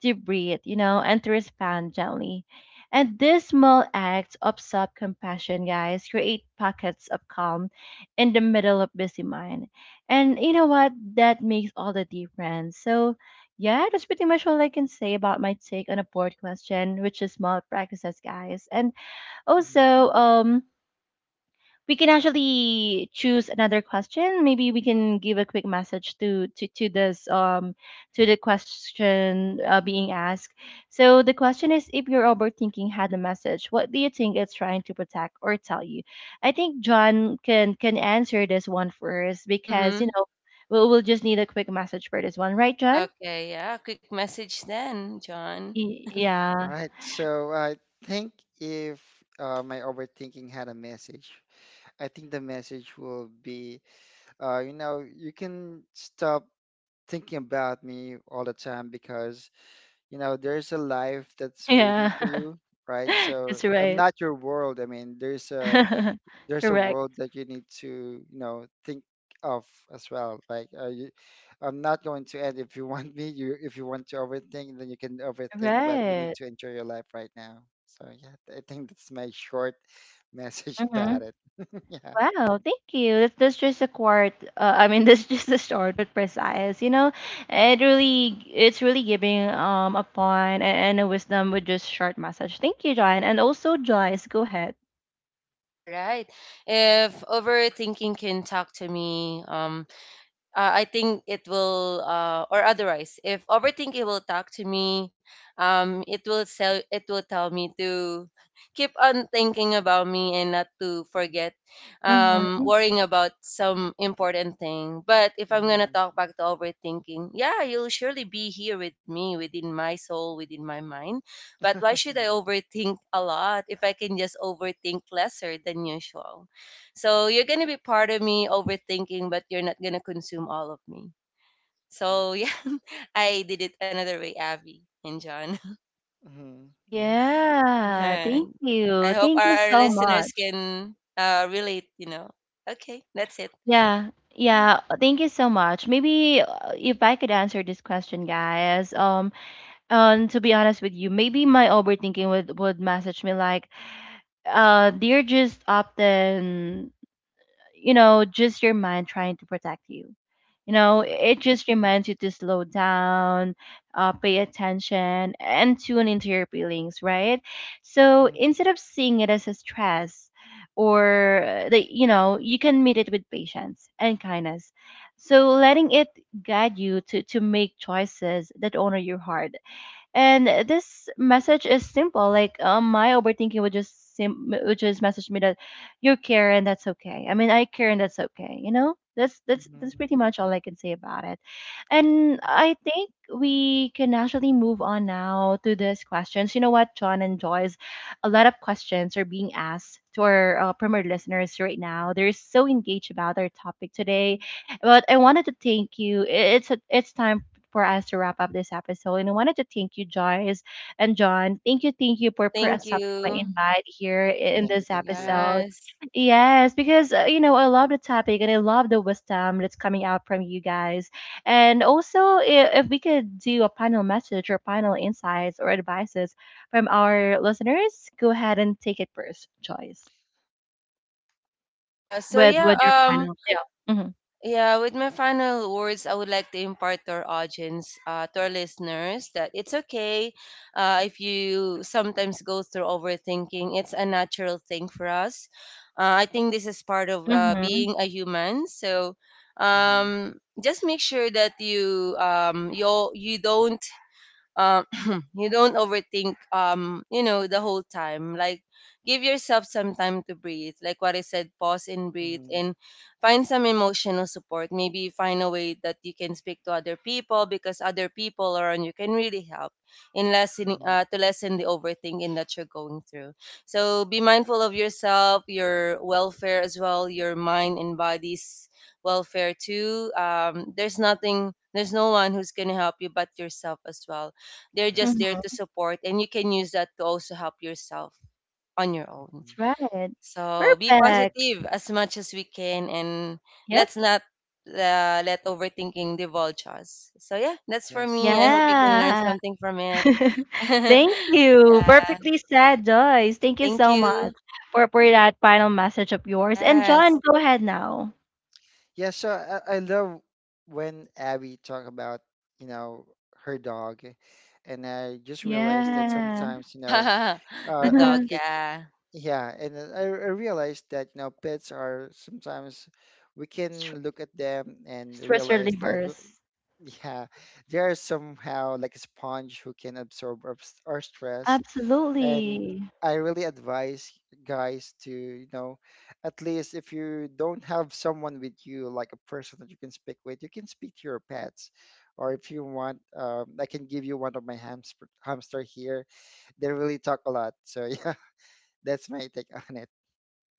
[SPEAKER 1] to breathe, you know, and to respond gently. And these small acts of self compassion, guys, create pockets of calm in the middle of busy mind. And you know what? That makes all the difference. So, yeah, that's pretty much all I can say about my take on a board question, which is small practices, guys. And also,
[SPEAKER 3] Mm-hmm.
[SPEAKER 1] um, we can actually choose another question. Maybe we can give a quick message to to to this um to the question uh, being asked. So the question is, if your overthinking had a message, what do you think it's trying to protect or tell you? I think John can can answer this one first, because, you
[SPEAKER 2] Mm-hmm.
[SPEAKER 1] know, we'll we'll just need a quick message for this one, right, John?
[SPEAKER 2] Okay, yeah. Quick message then, John.
[SPEAKER 1] Y-
[SPEAKER 3] All
[SPEAKER 1] yeah,
[SPEAKER 3] right. So I think if uh, my overthinking had a message, I think the message will be, uh, you know, you can stop thinking about me all the time because, you know, there's a life that's waiting
[SPEAKER 1] yeah,
[SPEAKER 3] for you, right? So
[SPEAKER 1] that's
[SPEAKER 3] I'm
[SPEAKER 1] right.
[SPEAKER 3] not your world. I mean, there's a there's a
[SPEAKER 1] Correct.
[SPEAKER 3] world that you need to you know think of as well, like, uh, you, I'm not going to end if you want me you if you want to overthink, then you can overthink, but you need
[SPEAKER 1] Right.
[SPEAKER 3] to enjoy your life right now. So yeah, I think that's my short message about it. Yeah.
[SPEAKER 1] Wow, thank you. That's, that's just a quart. Uh, I mean, that's just a short but precise. You know, it really, it's really giving um a point and, and a wisdom with just short message. Thank you, John, and also Joyce. Go ahead.
[SPEAKER 2] All right. If overthinking can talk to me, um, uh, I think it will, uh, or otherwise, if overthinking will talk to me, um, it will sell, it will tell me to keep on thinking about me and not to forget, um,
[SPEAKER 1] Mm-hmm.
[SPEAKER 2] worrying about some important thing. But if I'm gonna
[SPEAKER 3] Mhm.
[SPEAKER 2] talk back to overthinking, yeah, you'll surely be here with me, within my soul, within my mind. But
[SPEAKER 3] Yeah.
[SPEAKER 2] why should I overthink a lot if I can just overthink lesser than usual? So you're gonna be part of me overthinking, but you're not gonna consume all of me. So yeah, I did it another way, Abby and John.
[SPEAKER 3] Hmm, yeah.
[SPEAKER 1] Yeah, thank
[SPEAKER 2] I
[SPEAKER 1] you.
[SPEAKER 2] hope our,
[SPEAKER 1] Thank you
[SPEAKER 2] our
[SPEAKER 1] so
[SPEAKER 2] listeners
[SPEAKER 1] much.
[SPEAKER 2] can uh, relate. You know. Okay, that's it.
[SPEAKER 1] Yeah, yeah, thank you so much. Maybe, uh, if I could answer this question, guys. Um, um, to be honest with you, maybe my overthinking would would message me like, uh, they're just often, you know, just your mind trying to protect you. You know, it
[SPEAKER 3] Mhm.
[SPEAKER 1] just reminds you to slow down, uh, pay attention, and tune into your feelings, right? So
[SPEAKER 3] Mhm.
[SPEAKER 1] instead of seeing it as a stress, or uh, the, you know, you can meet it with patience and kindness. So letting it guide you to to make choices that honor your heart. And this message is simple. Like, um, my overthinking would just sim- would just message me that you care and that's okay. I mean, I care and that's okay. You know, that's that's that's
[SPEAKER 3] Mhm.
[SPEAKER 1] pretty much all I can say about it. And I think we can actually move on now to these questions. You know what, John and Joyce, a lot of questions are being asked to our uh, premier listeners right now. They're so engaged about our topic today, but I wanted to thank you. I- It's a, it's time for us to wrap up this episode. And I wanted to thank you, Joyce and John. Thank you, thank you for, for
[SPEAKER 2] Thank
[SPEAKER 1] accepting my
[SPEAKER 2] you.
[SPEAKER 1] invite here in
[SPEAKER 3] Thank you,
[SPEAKER 1] this
[SPEAKER 3] thank you.
[SPEAKER 1] episode.
[SPEAKER 2] Yes.
[SPEAKER 1] Yes, because, uh, you know, I love the topic and I love the wisdom that's coming out from you guys. And also, if, if we could do a panel message or panel insights or advices from our listeners, go ahead and take it first, Joyce,
[SPEAKER 2] Uh, so
[SPEAKER 1] with
[SPEAKER 2] yeah.
[SPEAKER 1] with your
[SPEAKER 2] Um.
[SPEAKER 1] panel. Yeah. Mm-hmm.
[SPEAKER 2] Yeah, with my final words, I would like to impart to our audience, uh, to our listeners, that it's okay, uh, if you sometimes go through overthinking. It's a natural thing for us. Uh, I think this is part of uh,
[SPEAKER 1] Mm-hmm.
[SPEAKER 2] being a human. So
[SPEAKER 3] Mhm.
[SPEAKER 2] um, just make sure that you um, you you don't um you don't overthink um you know the whole time. Like, give yourself some time to breathe, like what I said, pause and breathe,
[SPEAKER 3] Mhm.
[SPEAKER 2] and find some emotional support. Maybe find a way that you can speak to other people, because other people around you can really help in lessening,
[SPEAKER 3] Mhm.
[SPEAKER 2] uh, to lessen the overthinking that you're going through. So be mindful of yourself, your welfare as well, your mind and body's welfare too. Um, there's nothing there's no one who's going to help you but yourself as well. They're just there
[SPEAKER 1] Hmm.
[SPEAKER 3] Yes.
[SPEAKER 2] to support, and you can use that to also help yourself on your own.
[SPEAKER 3] Mhm.
[SPEAKER 1] That's right.
[SPEAKER 2] So be
[SPEAKER 1] Perfect.
[SPEAKER 2] positive as much as we can, and
[SPEAKER 1] Yep.
[SPEAKER 2] let's not, uh, let overthinking divulge us. So yeah, that's for
[SPEAKER 3] Yes.
[SPEAKER 2] me. I hope you can learn
[SPEAKER 1] Yeah.
[SPEAKER 2] something from it. Yeah,
[SPEAKER 1] Thank you. Perfectly said, Joyce. Thank you
[SPEAKER 2] thank
[SPEAKER 1] so
[SPEAKER 2] you.
[SPEAKER 1] much for, for that final message of yours. And John,
[SPEAKER 2] Yes,
[SPEAKER 1] go ahead now.
[SPEAKER 3] Yeah, so I, I love when Abby talk about, you know, her dog, and I just realized that
[SPEAKER 1] Yeah.
[SPEAKER 3] sometimes, you know, uh,
[SPEAKER 2] the dog.
[SPEAKER 3] overthink.
[SPEAKER 2] Yeah.
[SPEAKER 3] Yeah, and then I, I realized that, you know, pets are sometimes we
[SPEAKER 1] Str-
[SPEAKER 3] can look at them and
[SPEAKER 1] Stress
[SPEAKER 3] realize that, w-
[SPEAKER 1] relievers.
[SPEAKER 3] yeah, they are somehow like a sponge who can absorb our, s- our stress, and
[SPEAKER 1] Absolutely.
[SPEAKER 3] I really advise guys to, you know, at least if you don't have someone with you, like a person that you can speak with, you can speak to your pets. Or if you want, um, I can give you one of my hamster hamster here. They really talk a lot. So yeah, that's my take on it.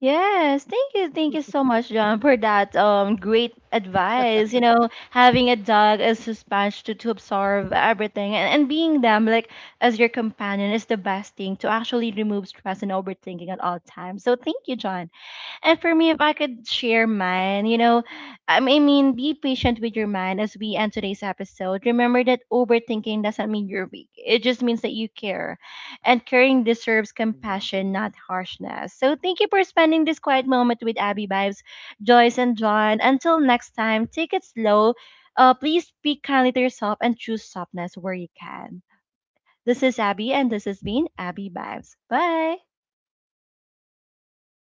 [SPEAKER 1] Yes, thank you, thank you so much, John, for that um great advice. You know, having a dog as a sponge to, to absorb everything, and, and being them like as your companion is the best thing to actually remove stress and overthinking at all times. So thank you, John. And for me, if I could share mine, you know, um, I mean, be patient with your mind as we end today's episode. Remember that overthinking doesn't mean you're weak, it just means that you care. And caring deserves
[SPEAKER 3] Mm-hmm.
[SPEAKER 1] compassion, not harshness. So thank you for spending this quiet moment with Abby Vibes, Joyce, and John. Until next time, take it slow. Uh, please speak kindly to yourself and choose softness where you can. This is Abby, and this has been Abby Vibes. Bye.